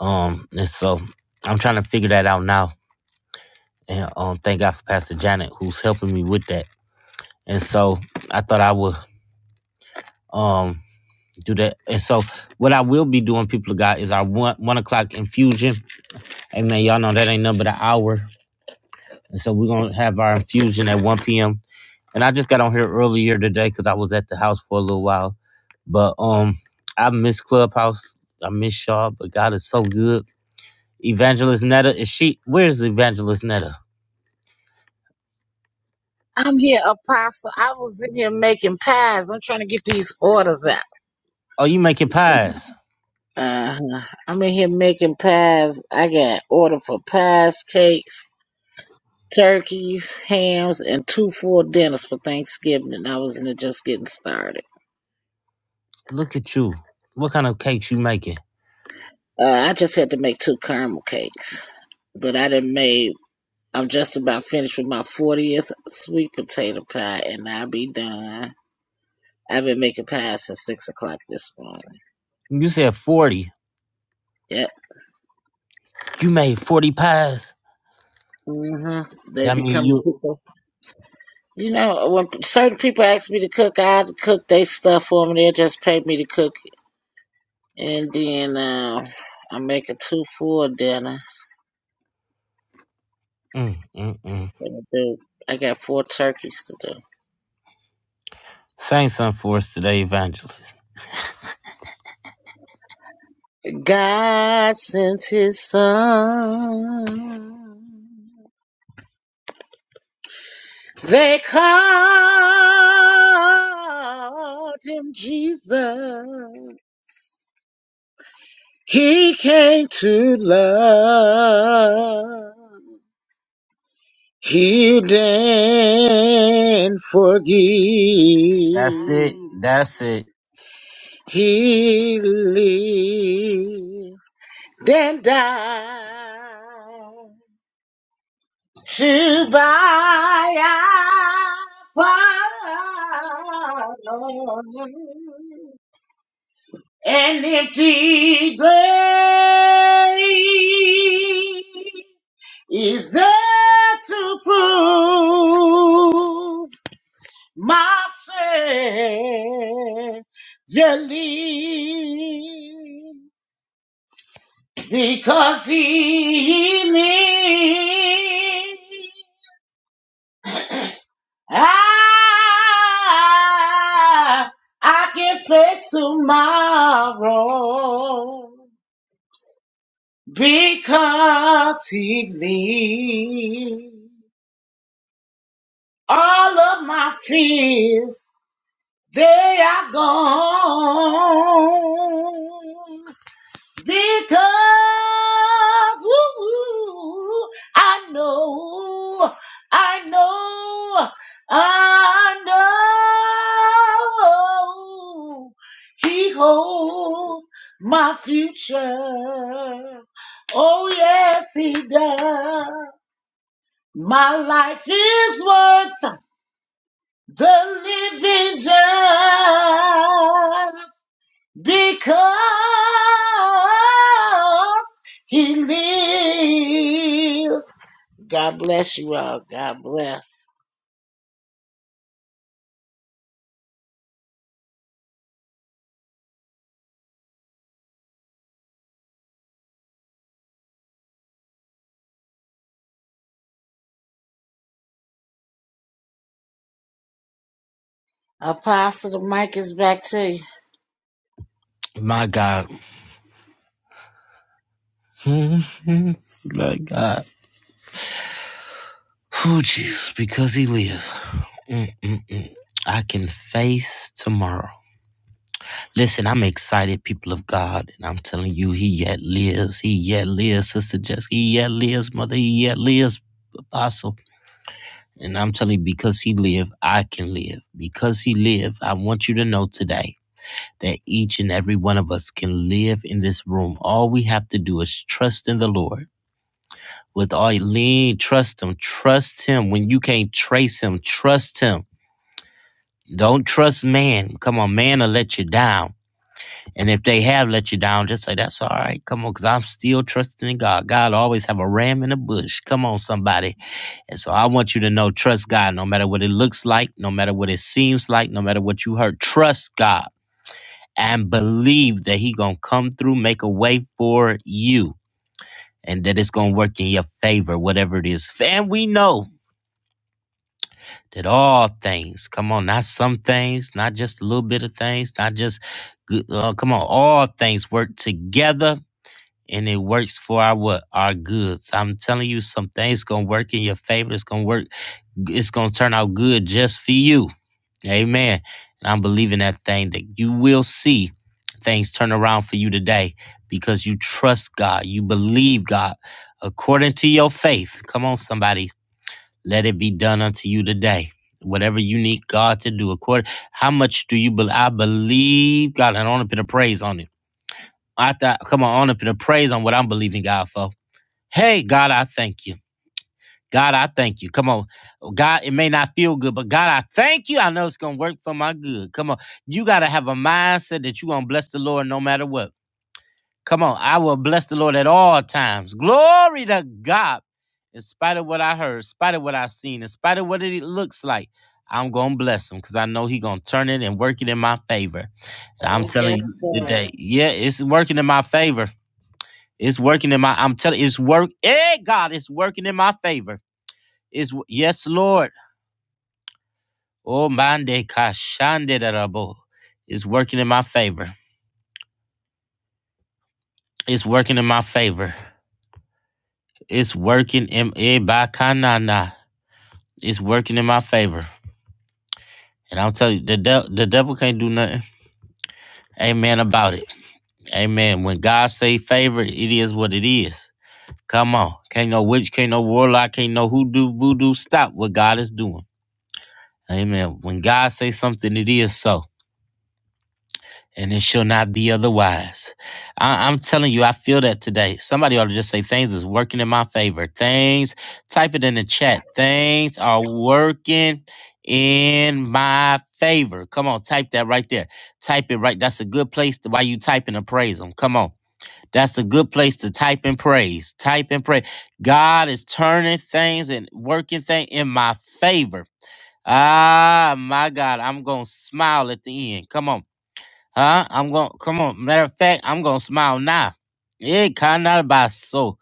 Um and so I'm trying to figure that out now. And um thank God for Pastor Janet who's helping me with that. And so I thought I would um do that. And so what I will be doing, people of God, is our one one o'clock infusion Hey man, y'all know that ain't nothing but an hour. And so we're gonna have our infusion at 1 p.m. And I just got on here earlier today because I was at the house for a little while. But um I miss Clubhouse. I miss y'all, but God is so good. Evangelist Netta, is she where's Evangelist Netta? I'm here, Apostle. I was in here making pies. I'm trying to get these orders out. Oh, you making pies. Uh-huh. I'm in here making pies. I got order for pies, cakes, turkeys, hams, and two full dinners for Thanksgiving. And I was in it just getting started. Look at you. What kind of cakes you making? Uh, I just had to make two caramel cakes, but I didn't made. I'm just about finished with my 40th sweet potato pie, and I'll be done. I've been making pies since six o'clock this morning. You said 40. Yep. You made 40 pies? hmm They That be mean coming to you cook us. You know, when certain people ask me to cook, I cook they stuff for them. They just pay me to cook, and then uh, I'm making two full dinners. mm, mm, mm. I got four turkeys to do. Sing something for us today, Evangelist. God sent his son. They called him Jesus. He came to love, heal and forgive. That's it. That's it. He lived and died to thy Lord, an empty grave is there to prove my Savior lives because he lives. I, I can face tomorrow because he lives. All of my fears, they are gone. because ooh, I know, I know, I know He holds my future. Oh, yes, He does. My life is worth the living just because he lives. God bless you all. God bless. Apostle, the mic is back to you. My God. Mhm. My God. Oh, Jesus, because he lives. Mm-mm-mm. I can face tomorrow. Listen, I'm excited, people of God, and I'm telling you, he yet lives. He yet lives, Sister Jess. He yet lives, Mother. He yet lives, Apostle. And I'm telling you, because he live, I can live. Because he live, I want you to know today that each and every one of us can live in this room. All we have to do is trust in the Lord with all your lean, trust him. Trust him when you can't trace him. Trust him. Don't trust man. Come on, man will let you down. And if they have let you down, just say that's all right. Come on, because I'm still trusting in God. God always have a ram in the bush. Come on, somebody. And so I want you to know, trust God, no matter what it looks like, no matter what it seems like, no matter what you heard. Trust God and believe that He gonna come through, make a way for you, and that it's gonna work in your favor, whatever it is. And we know that all things, come on, not some things, not just a little bit of things, not just good, uh, come on, all things work together and it works for our what? Our goods. I'm telling you, some things gonna work in your favor. It's gonna work, it's gonna turn out good just for you. Amen. And I'm believing that thing that you will see things turn around for you today because you trust God, you believe God according to your faith. Come on, somebody let it be done unto you today. Whatever you need God to do, according how much do you believe? I believe God, and I want to put a praise on it. I thought, come on, I want to put a praise on what I'm believing God for. Hey, God, I thank you. God, I thank you. Come on, God, it may not feel good, but God, I thank you. I know it's gonna work for my good. Come on, you gotta have a mindset that you gonna bless the Lord no matter what. Come on, I will bless the Lord at all times. Glory to God. In spite of what I heard, in spite of what I've seen, in spite of what it looks like, I'm gonna bless him because I know He gonna turn it and work it in my favor. And I'm Oh, telling yes, you today, God. yeah, it's working in my favor. It's working in my. I'm telling, you, it's work. Hey, God, it's working in my favor. It's yes, Lord. Oh, mande kashande darabo. It's working in my favor. It's working in my favor. It's working in. Eh, bakanana. It's working in my favor. And I'll tell you, the, de- the devil can't do nothing. Amen about it. Amen. When God say favor, it is what it is. Come on. Can't no witch, can't no warlock, can't no hoodoo, voodoo. Stop what God is doing. Amen. When God say something, it is so. and it shall not be otherwise. I, am telling you, I feel that today. Somebody ought to just say things is working in my favor. Things, type it in the chat. Things are working in my favor. Come on, type that right there. Type it right. That's a good place to why you type and praise them. Come on. That's a good place to type and praise. Type and pray. God is turning things and working things in my favor. Ah, my God, I'm going to smile at the end. Come on. Huh? I'm going to come on. Matter of fact, I'm going to smile now. Yeah, kind of about so.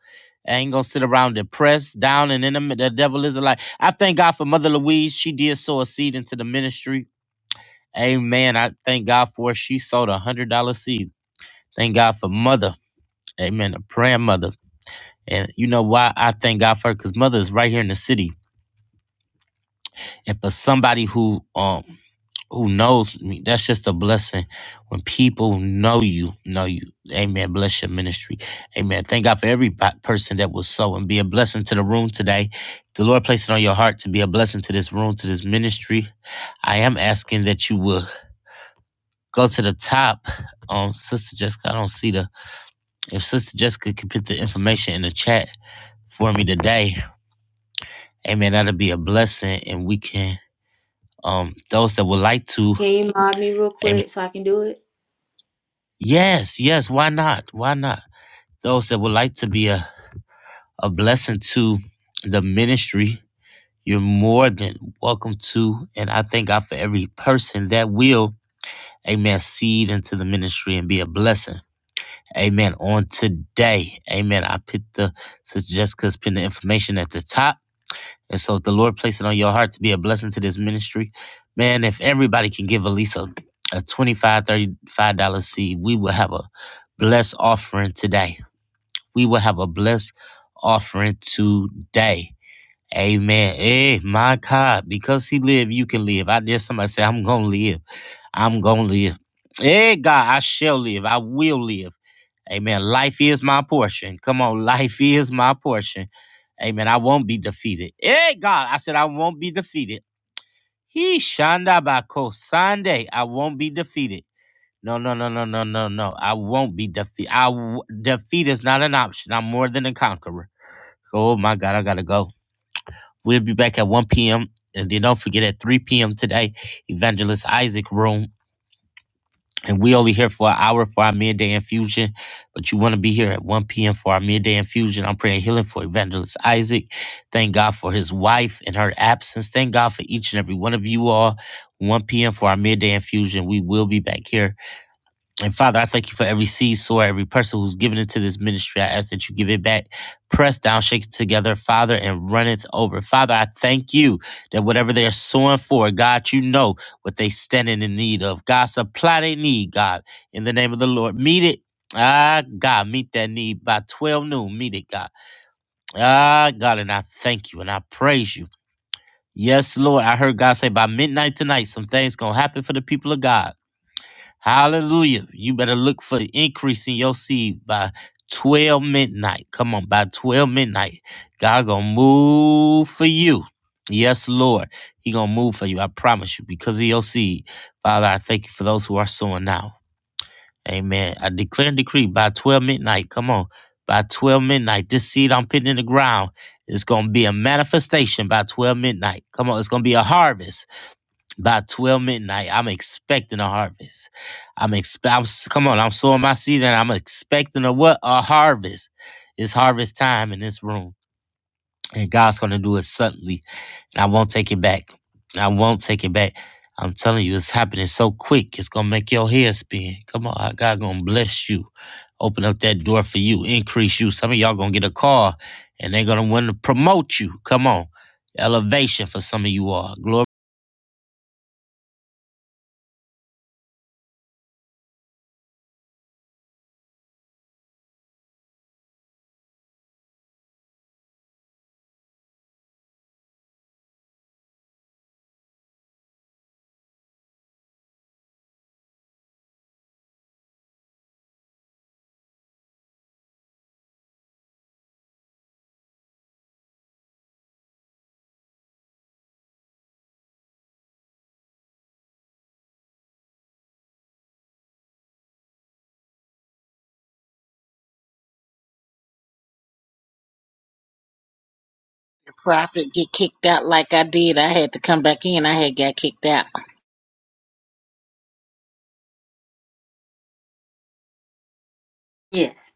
I ain't gonna sit around depressed, down, and in the, the devil is alive. I thank God for Mother Louise. She did sow a seed into the ministry. Amen. I thank God for her. She sowed a hundred dollar seed. Thank God for Mother. Amen. A praying mother. And you know why I thank God for her? Because Mother is right here in the city. And for somebody who um who knows me. That's just a blessing. When people know you, know you. Amen. Bless your ministry. Amen. Thank God for every po- person that will sow and be a blessing to the room today. If the Lord placed it on your heart to be a blessing to this room, to this ministry. I am asking that you will go to the top on Sister Jessica. I don't see the if Sister Jessica could put the information in the chat for me today. Amen. That'll be a blessing and we can um those that would like to, Can you mod me real amen. quick so I can do it? Yes, yes, why not? Why not? those that would like to be a, a blessing to the ministry, you're more than welcome to. And I thank God for every person that will, amen, seed into the ministry and be a blessing. Amen. On today, amen. I put the, Sister Jessica's put the information at the top. And so if the Lord placed it on your heart to be a blessing to this ministry, man, if everybody can give at least a, a $25, dollars, $35 seed, we will have a blessed offering today we will have a blessed offering today. Amen. Hey, my God, because he live, you can live. I dare somebody say, I'm gonna live. I'm gonna live. Hey, God, I shall live. I will live. Amen. Life is my portion. Come on, life is my portion. Amen. I won't be defeated. Hey, God, I said I won't be defeated. He shanda bako Sunday. I won't be defeated. No, no, no, no, no, no, no. I won't be defeated. I w- defeat is not an option. I'm more than a conqueror. Oh my God, I gotta go. We'll be back at 1 p.m. And then don't forget at 3 p.m. today, Evangelist Isaac Room. And we only here for an hour for our midday infusion. But you want to be here at 1 p.m. for our midday infusion. I'm praying healing for Evangelist Isaac. Thank God for his wife and her absence. Thank God for each and every one of you all. 1 p.m. for our midday infusion. We will be back here. And Father, I thank you for every seed sower, every person who's given into this ministry. I ask that you give it back, pressed down, shaken together, Father, and runneth over. Father, I thank you that whatever they're sowing for, God, you know what they standing in need of. God, supply they need, God, in the name of the Lord. Meet it. Ah, God, meet that need by 12 noon. Meet it, God. Ah, God, and I thank you and I praise you. Yes, Lord. I heard God say by midnight tonight, some things gonna happen for the people of God. Hallelujah. You better look for increase in your seed by 12 midnight. Come on, by 12 midnight. God gonna move for you. Yes, Lord. He gonna move for you. I promise you. Because of your seed. Father, I thank you for those who are sowing now. Amen. I declare and decree by 12 midnight. Come on. By 12 midnight, this seed I'm putting in the ground is gonna be a manifestation by 12 midnight. Come on, it's gonna be a harvest by 12 midnight, I'm expecting a harvest. I'm expect. I'm, s- come on, I'm sowing my seed and I'm expecting a what? A harvest. It's harvest time in this room. And God's gonna do it suddenly. And I won't take it back. I won't take it back. I'm telling you, it's happening so quick. It's gonna make your hair spin. Come on, God gonna bless you. Open up that door for you, increase you. Some of y'all gonna get a car and they're gonna want to promote you. Come on. Elevation for some of you all. The prophet get kicked out like I did. I had to come back in. I had got kicked out. Yes.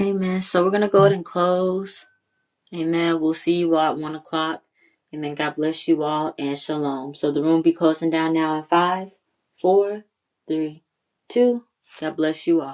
Amen. So we're gonna go ahead and close. Amen. We'll see you all at one o'clock. Amen. God bless you all and shalom. So the room be closing down now in five, four, three, two. God bless you all.